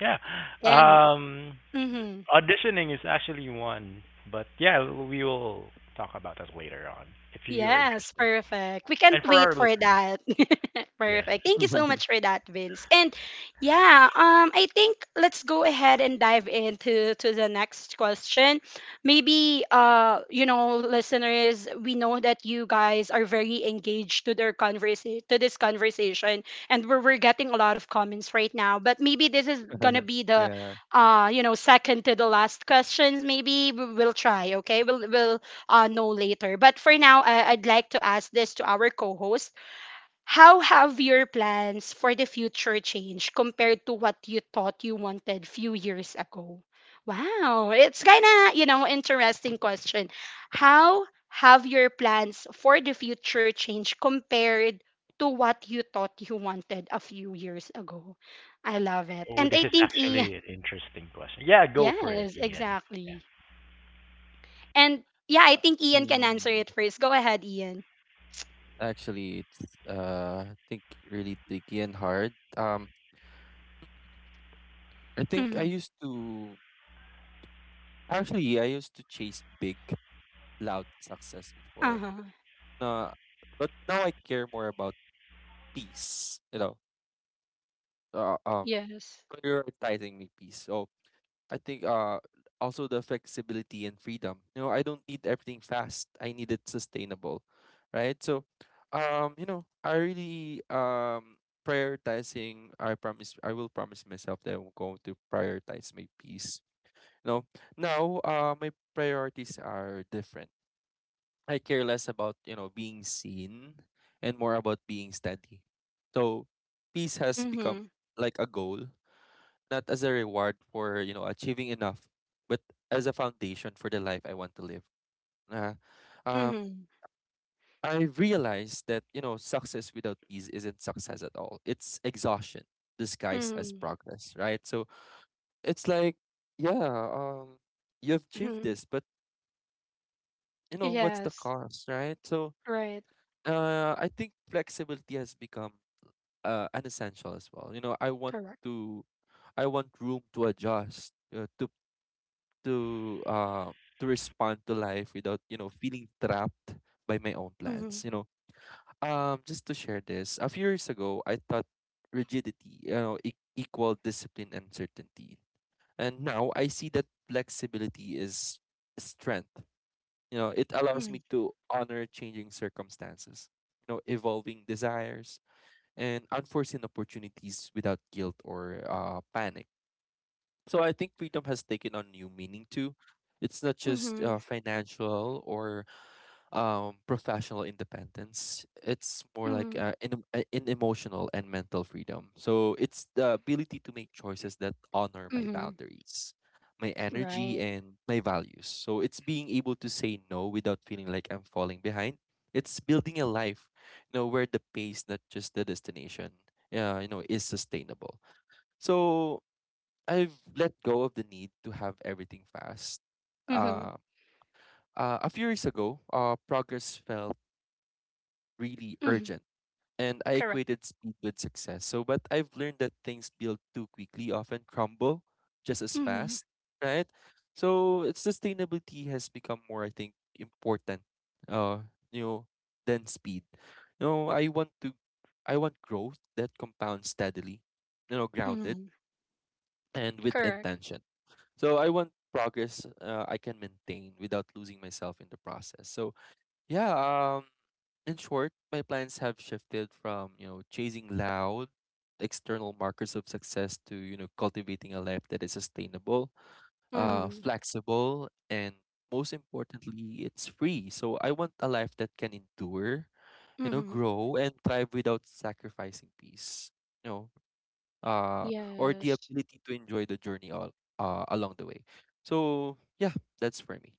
C: Yeah.
A: And
C: Yeah. Um,
A: mhm.
C: Auditioning is actually one, but yeah, we will talk about that later on if you are
A: Yes,
C: interested.
A: perfect. We can't
C: And for our
A: wait for
C: listeners,
A: that.
C: yeah.
A: Perfect. Thank you so much for that, Vince. And yeah, I think let's go ahead and dive into to the next question. Maybe you know, listeners, we know that you guys are very engaged to their conversation, to this conversation, and we're getting a lot of comments right now. But maybe this is gonna be the
B: Yeah.
A: you know, second to the last questions. Maybe we will try. Okay, we'll know later. But for now, I'd like to ask this to our co host. How have your plans for the future changed compared to what you thought you wanted few years ago? Wow, it's kind of, you know, interesting question. How have your plans for the future changed compared to what you thought you wanted a few years ago? I love it.
C: Oh,
A: And
C: this
A: I
C: is
A: think, Ian,
C: actually an interesting question. Yeah, go for it,
A: yes,
C: Ian. Yeah.
A: exactly. And yeah, I think Ian
B: Mm.
A: can answer it first. Go ahead, Ian.
B: Actually, it's I think really tricky and hard. I think I
A: Mm.
B: used to actually I used to chase big, loud success before.
A: Uh-huh.
B: No, but now I care more about peace. You know, uh, um,
A: Yes.
B: prioritizing my peace. So I think also the flexibility and freedom. You know, I don't need everything fast. I need it sustainable, right? So, you know, I really prioritizing. I promise. I will promise myself that I'm going to prioritize my peace. You know, now my priorities are different. I care less about you know being seen and more about being steady. So, peace has become
A: Mm-hmm.
B: like a goal not as a reward for achieving enough, but as a foundation for the life I want to live. Uh, um,
A: Mm-hmm.
B: I realized that success without ease isn't success at all. It's exhaustion disguised as
A: Mm-hmm.
B: progress, right? So it's like, yeah, you've achieved
A: Hmm.
B: this, but what's the
A: Yes.
B: cost, right? So
A: Right.
B: I think flexibility has become an essential as well. I want
A: Correct.
B: to, room to adjust, to uh to respond to life without feeling trapped by my own
A: Mm-hmm.
B: plans. Just to share this, a few years ago I thought rigidity equal discipline and certainty. And now I see that flexibility is strength. It allows
A: Mm-hmm.
B: me to honor changing circumstances, evolving desires, and unforeseen opportunities without guilt or panic. So I think freedom has taken on new meaning too. It's not just
A: Mm-hmm.
B: financial or professional independence. It's more like
A: Mm-hmm.
B: in emotional and mental freedom. So it's the ability to make choices that honor my
A: Mm-hmm.
B: boundaries, my energy,
A: Right.
B: and my values. So it's being able to say no without feeling like I'm falling behind. It's building a life, where the pace, not just the destination, is sustainable. So I've let go of the need to have everything fast.
A: Mm-hmm.
B: Uh, a few years ago, progress felt really
A: Mm-hmm.
B: urgent, and I
A: Correct.
B: equated speed with success. So, but I've learned that things built too quickly often crumble just as
A: Mm-hmm.
B: fast, right? So, it's sustainability has become more, I think, important. Uh, you know, than speed. No, I want growth that compounds steadily. Grounded
A: Mm-hmm.
B: and with
A: Correct.
B: intention. So I want progress I can maintain without losing myself in the process. So yeah, in short, my plans have shifted from chasing loud external markers of success to cultivating a life that is sustainable,
A: Mm-hmm.
B: flexible, and most importantly, it's free. So I want a life that can endure,
A: Mm-hmm.
B: grow and thrive without sacrificing peace. You know, uh, or the
A: Yes.
B: ability to enjoy the journey all, along the way. So yeah, that's for me.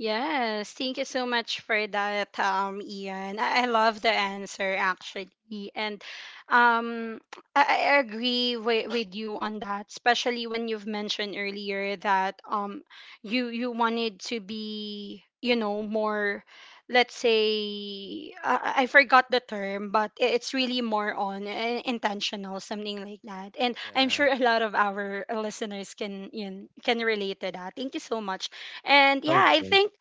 A: Yes, thank you so much for that, Ian. I love the answer actually, and um, I agree with you on that, especially when you've mentioned earlier that you wanted to be, you know, more, let's say, I forgot the term, but it's really more on intentional, something like that. And I'm
B: Yeah.
A: sure a lot of our listeners can, you know, can relate to that. Thank you so much, and yeah, I
B: Okay.
A: think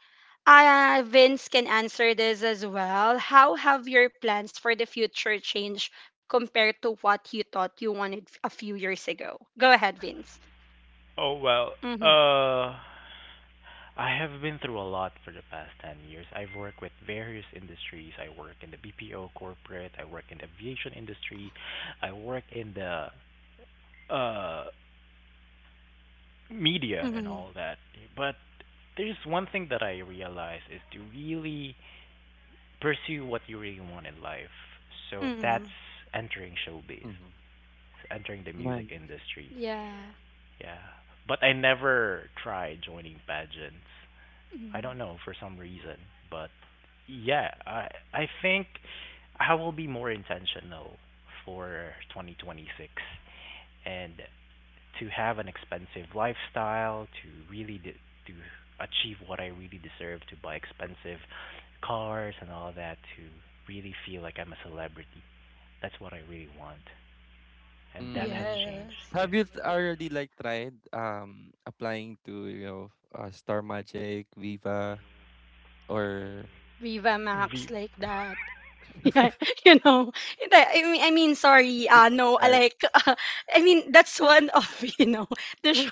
A: Vince can answer this as well. How have your plans for the future changed compared to what you thought you wanted a few years ago? Go ahead, Vince.
C: Oh well,
A: Mm-hmm.
C: uh, I have been through a lot for the past 10 years. I've worked with various industries. I work in the BPO corporate. I work in the aviation industry. I work in the uh media and
A: Mm-hmm.
C: all that. But there's one thing that I realize is to really pursue what you really want in life. So that's
A: Mm-hmm.
C: entering showbiz,
B: Mm-hmm.
C: entering the music
B: Nice.
C: industry.
A: Yeah.
C: Yeah. But I never tried joining pageants. I
A: Mm.
C: don't know for some reason, but yeah, I think I will be more intentional for 2026 and to have an expensive lifestyle, to really de- to achieve what I really deserve, to buy expensive cars and all that, to really feel like I'm a celebrity. That's what I really want, and that has
B: Mm.
C: changed.
A: Yes.
B: Have
C: Yeah.
B: you already like tried applying to Star Magic, Viva, or
A: Viva Max,
C: V-
A: like that. Yeah, you know. And I mean, sorry. No, I
B: uh,
A: like, I mean, that's one of you know, the show,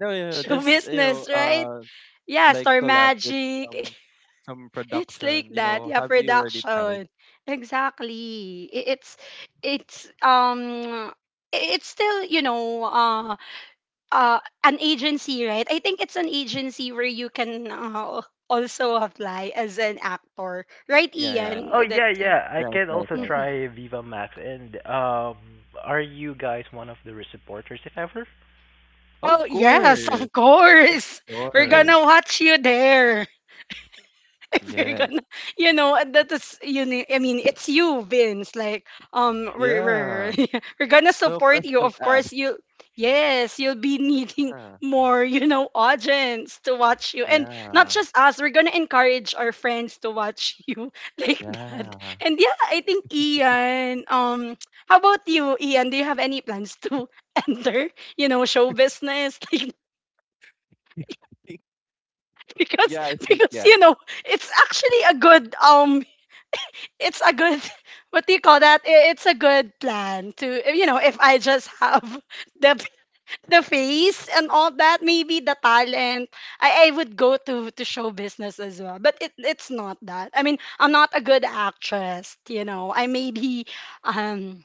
B: no,
A: show
B: just
A: business, right? Yeah,
B: like
A: Star
B: collab with
A: Magic.
B: some some
A: It's like
B: production.
A: that, yeah,
B: Have you already tried?
A: production. Exactly. It's um it's still, you know, an agency, right? I think it's an agency where you can also apply as an actor. Right,
B: Yeah, yeah, yeah.
C: oh
A: Ian? That's
C: yeah, yeah. I
B: Right,
C: can
B: right,
C: also
B: right.
A: mhm.
C: try Viva Max. And are you guys one of the supporters, if ever?
A: Oh,
B: Of
A: yes,
B: course,
A: of
B: of
A: course.
C: You
A: We're
C: can.
B: course.
A: gonna watch you there. If you're
B: Yeah.
A: gonna, you know, and that is, you I mean, it's you, Vince, like, um we're
B: Yeah.
A: we're, we're gonna
B: No
A: support you,
B: questions
A: of course,
B: asked.
A: you. Yes, you'll be needing
B: Yeah.
A: more, you know, audience to watch you, and not
B: Yeah.
A: just us. We're gonna encourage our friends to watch you like that.
B: Yeah.
A: And yeah, I think Ian, how about you, Ian? Do you have any plans to enter, you know, show business, like, because
B: I think,
A: because
B: yeah.
A: you know, it's actually a good, it's a good what do you call that, it's a good plan to, you know, if I just have the the face and all that, maybe the talent, I would go to show business as well, but it's not that, I mean, I'm not a good actress, you know. I maybe um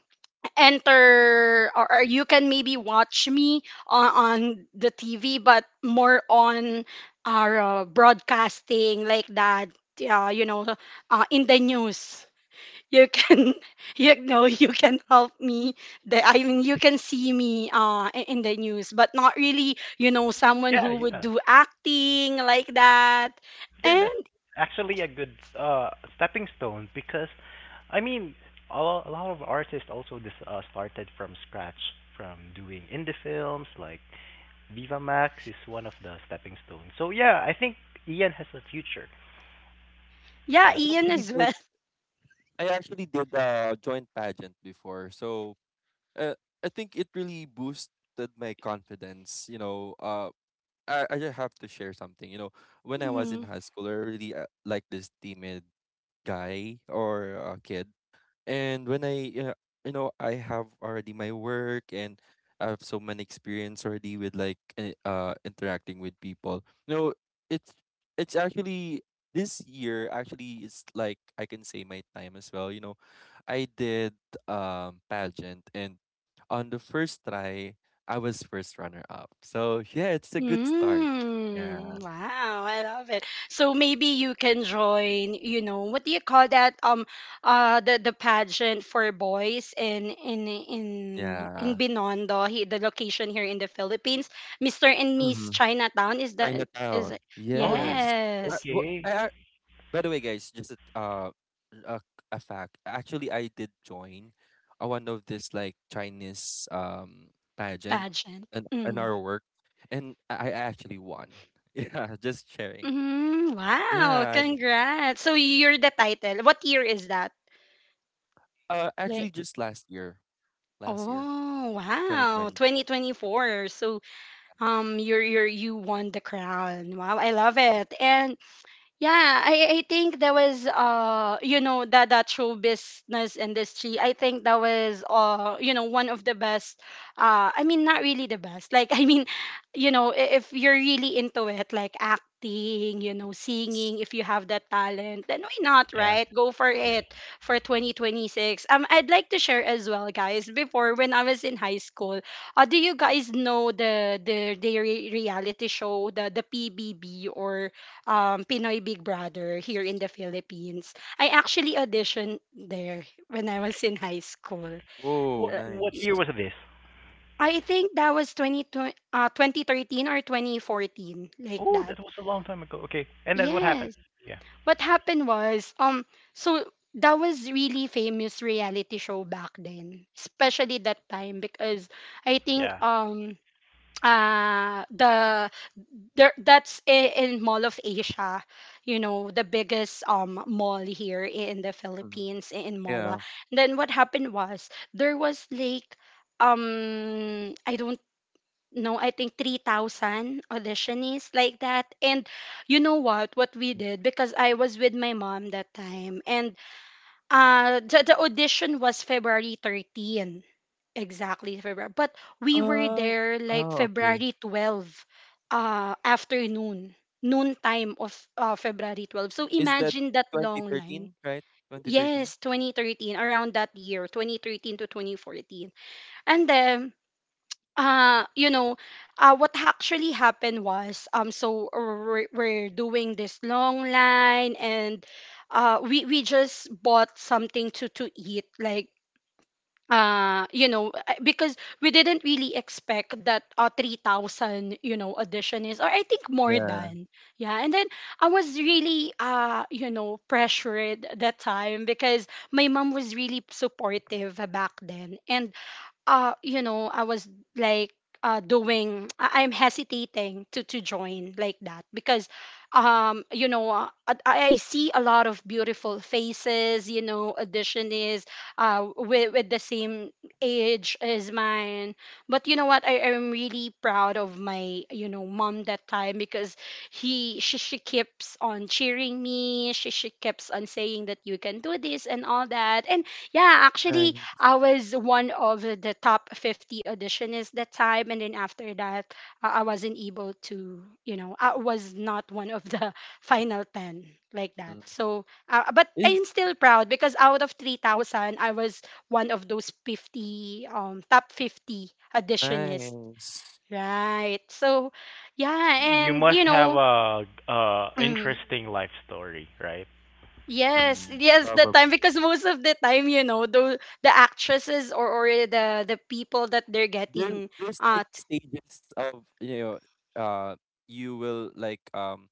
A: enter, or you can maybe watch me on, on the tv, but more on our broadcasting, like that, yeah, you know, in the news. You can you know, you can help me that, I mean, you can see me in the news, but not really, you know, someone
C: Yeah,
A: who would
C: yeah.
A: do acting like that.
C: Yeah, that's
A: And
C: actually a good stepping stone because I mean a lot of artists also dis started from scratch from doing indie films. Like Viva Max is one of the stepping stones. So yeah, I think Ian has a future,
A: yeah,
B: I
C: right?
A: Ian
B: actually
A: as
B: did
A: well.
B: I actually did a joint pageant before. So, uh, I think it really boosted my confidence. I just have to share something. When I was in high school, I really like this timid guy or a kid. And yeah, I have already my work, and I have so many experience already with like interacting with people. It's it's actually this year actually is like I can say my time as well. I did pageant and on the first try I was first runner up. So yeah, it's a good start. Yeah.
A: Mm, wow, I love it. So maybe you can join, you know, what do you call that? The pageant for boys in
B: Yeah.
A: Binondo, he, the location here in the Philippines, Mr. and Miss
B: Mm-hmm.
A: Chinatown, is that, is
B: Chinatown.
A: it?
C: Oh, you
B: Yes. I,
A: Yes,
B: wh-
C: okay?
B: I, By the way, guys, just a, a fact. Actually, I did join one of this like Chinese pageant
A: pageant.
B: in
A: Mm.
B: our work, and I actually won. Yeah, just sharing.
A: Mm, wow,
B: Yeah,
A: congrats. So you're the title. What year is that? Like,
B: actually, just last year,
A: oh,
B: twenty
A: wow,
B: twenty.
A: 2024. So you're you won the crown. Wow, I love it. And yeah, I think that was you know, that that show business industry. I think that was you know, one of the best. I mean not really the best. Like I mean, you know, if you're really into it, like acting, you know, singing, if you have that talent, then why not,
C: Yeah,
A: right? Go for
C: yeah.
A: it for 2026. I'd like to share as well, guys. Before when I was in high school, do you guys know the reality show, the PBB or Pinoy Big Brother here in
B: Yes.
A: the Philippines. I actually auditioned there when I was in high school.
B: Oh,
A: Uh,
C: What
A: y-
C: year
B: nice.
C: was this?
A: I think that was 2013 or 2014, like
C: Oh,
A: that.
C: that was a long time ago. Okay. And then what happened?
A: Yes.
C: Yeah.
A: What happened was, so that was really famous reality show back then, especially that time, because I think
C: Yeah.
A: uh the there, that's in Mall of Asia, you know, the biggest mall here in the
B: Mhm.
A: Philippines, in MOA.
B: Yeah.
A: Then what happened was there was like, I don't know, I think 3,000 auditionists like that. And you know what? What we did, because I was with my mom that time, and the audition was February 13. Exactly, February. But we were
B: Uh,
A: there like
B: oh, okay.
A: February 12, afternoon, noon time of February 12. So
B: Is that
A: imagine that
B: twenty
A: long line.
B: thirteen? Right, 2013.
A: Yes, 2013, around that year, 2013 to 2014. And then, you know, what actually happened was, so we're doing this long line, and we just bought something to eat, like you know, because we didn't really expect that 3,000, you know, audition is, or I think more
B: Yeah.
A: than, yeah. And then I was really, you know, pressured at that time, because my mom was really supportive back then, and you know, I was like, doing I'm hesitating to join like that, because, you know, I see a lot of beautiful faces, you know, auditionees, with the same age as mine. But you know what, I am really proud of my, you know, mom that time, because she keeps on cheering me, she keeps on saying that you can do this and all that. And yeah, actually
B: Nice.
A: I was one of the top 50 auditionists that time. And then after that, I wasn't able to, you know, I was not one of the final 10, like that.
B: Mm.
A: So, but I
B: It's
A: am still proud, because out of 3,000, I was one of those 50, top 50 auditionists.
B: nice.
A: Right. So, yeah.
C: You
A: And,
C: must
A: you
C: have
A: know,
C: a
A: mm,
C: interesting life story, right?
A: yes,
B: Mm,
A: yes, the
B: probably.
A: time, because most of the time, you know, the actresses, or the people that they're
B: There,
A: getting
B: there's
A: uh
B: like stages of know, uh, you will like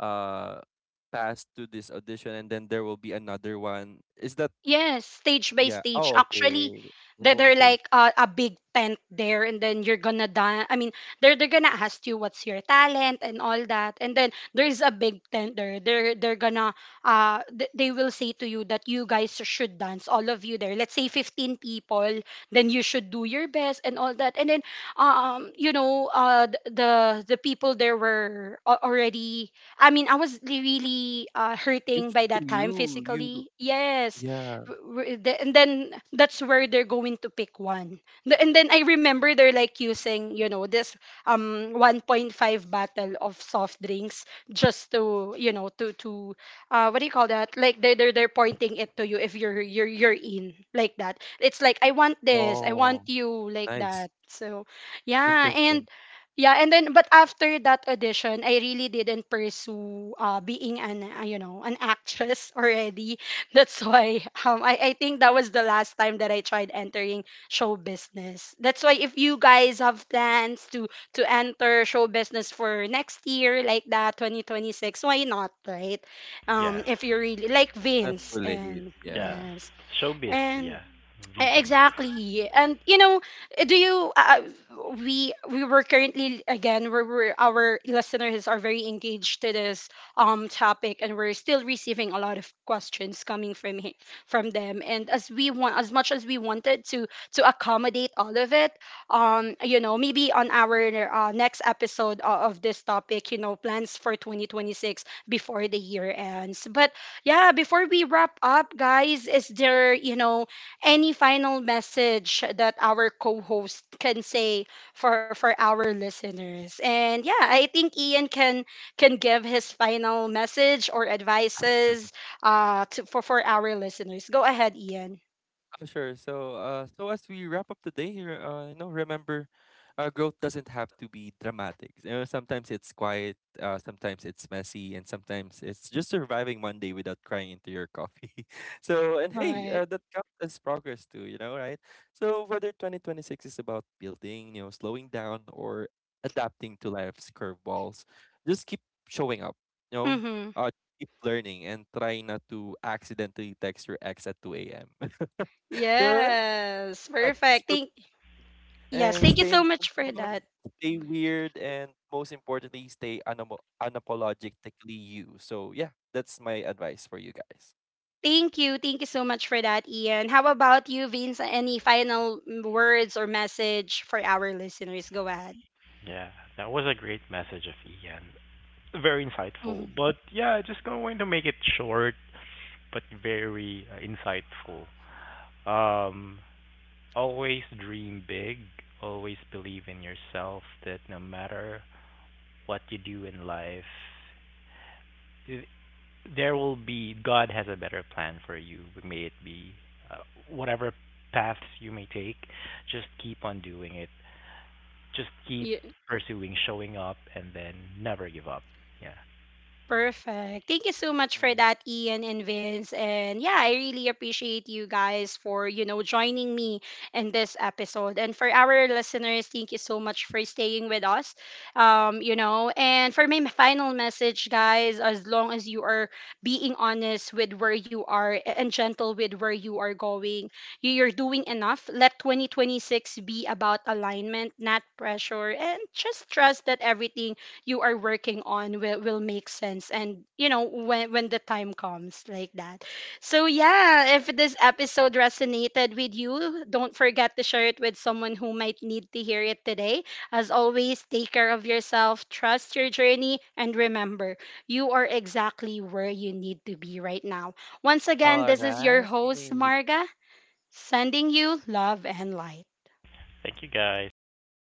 B: uh pass to this audition, and then there will be another one. Is that
A: yes, stage by
B: yeah?
A: stage.
B: Oh,
A: Actually,
B: okay. Oh,
A: they're
B: okay.
A: like a big tent there, and then you're gonna dance. I mean, they're gonna ask you what's your talent and all that, and then there's a big tent there. They're gonna they will say to you that you guys should dance, all of you there. Let's say 15 people, then you should do your best and all that, and then um you know uh th- the the people there were already, I mean, I was really really
B: Good
A: hurting by
B: for
A: that time
B: you.
A: physically. Yes,
B: Yeah.
A: and then that's where they're going to pick one. And then I remember they're like using, you know, this 1.5 bottle of soft drinks just to, you know, to what do you call that, like they're pointing it to you. If you're in like that, it's like I want this, I want
B: Oh,
A: you, like
B: nice.
A: that. So yeah.
B: Interesting.
A: and Yeah, and then, but after that audition, I really didn't pursue being an you know, an actress already. That's why I think that was the last time that I tried entering show business. That's why if you guys have plans to enter show business for next year, like that, 2026, why not, right?
C: Yes.
A: If you really like
B: Not too
A: Vince,
B: late.
A: and
C: Yes.
B: Yeah.
A: yes.
C: Showbiz.
A: And
C: Yeah.
A: E,
C: Viva Max.
A: exactly. And, you know, do you we were currently, again, we're our listeners are very engaged to this topic, and we're still receiving a lot of questions coming from from them. And as we want, as much as we wanted to accommodate all of it, you know, maybe on our next episode of this topic, you know, plans for 2026 before the year ends. But yeah, before we wrap up, guys, is there, you know, any final message that our co-host can say for our listeners? And yeah, I think Ian can give his final message or advices for our listeners. Go ahead, Ian.
B: Sure. So, as we wrap up the day here, remember, growth doesn't have to be dramatic. Sometimes it's quiet, sometimes it's messy, and sometimes it's just surviving Monday without crying into your coffee. So, and hey,
A: Right.
B: that counts as progress too. You know, right? So, whether 2026 is about building, slowing down, or adapting to life's curveballs, just keep showing up. You know,
A: Mm-hmm.
B: uh, keep learning and try not to accidentally text your ex at 2 a.m. You know Alright,
A: Yes. Perfect.
B: and
A: Thank you
B: stay
A: so much for
B: informed,
A: that.
B: stay weird, and most importantly, stay unamo unapologetically you. So yeah, that's my advice for you guys.
A: Thank you. Thank you so much for that, Ian. How about you, Vince? Any final words or message for our listeners? Go ahead.
C: Yeah. That was a great message of Ian. Very insightful.
A: Mm-hmm.
C: But yeah, just going to make it short but very insightful. Um, Always dream big. Always believe in yourself that no matter what you do in life, i- there will be, God has a better plan for you. May it be uh, whatever paths you may take, just keep on doing it. Just keep pursuing, showing up, and then never give up. Yeah.
A: Perfect. Thank you so much for
B: Nice.
A: that, Ian and Vince. And yeah, I really appreciate you guys for, you know, joining me in this episode. And for our listeners, thank you so much for staying with us. You know, and for my final message, guys, as long as you are being honest with where you are and gentle with where you are going, you're doing enough. Let 2026 be about alignment, not pressure, and just trust that everything you are working on will make sense, and, you know, when the time comes, like that. So yeah, if this episode resonated with you, don't forget to share it with someone who might need to hear it today. As always, take care of yourself, trust your journey, and remember, you are exactly where you need to be right now. Once again,
B: All
A: this is
B: right.
A: your host, Marga, sending you love and light.
C: Thank you guys. Bye bye.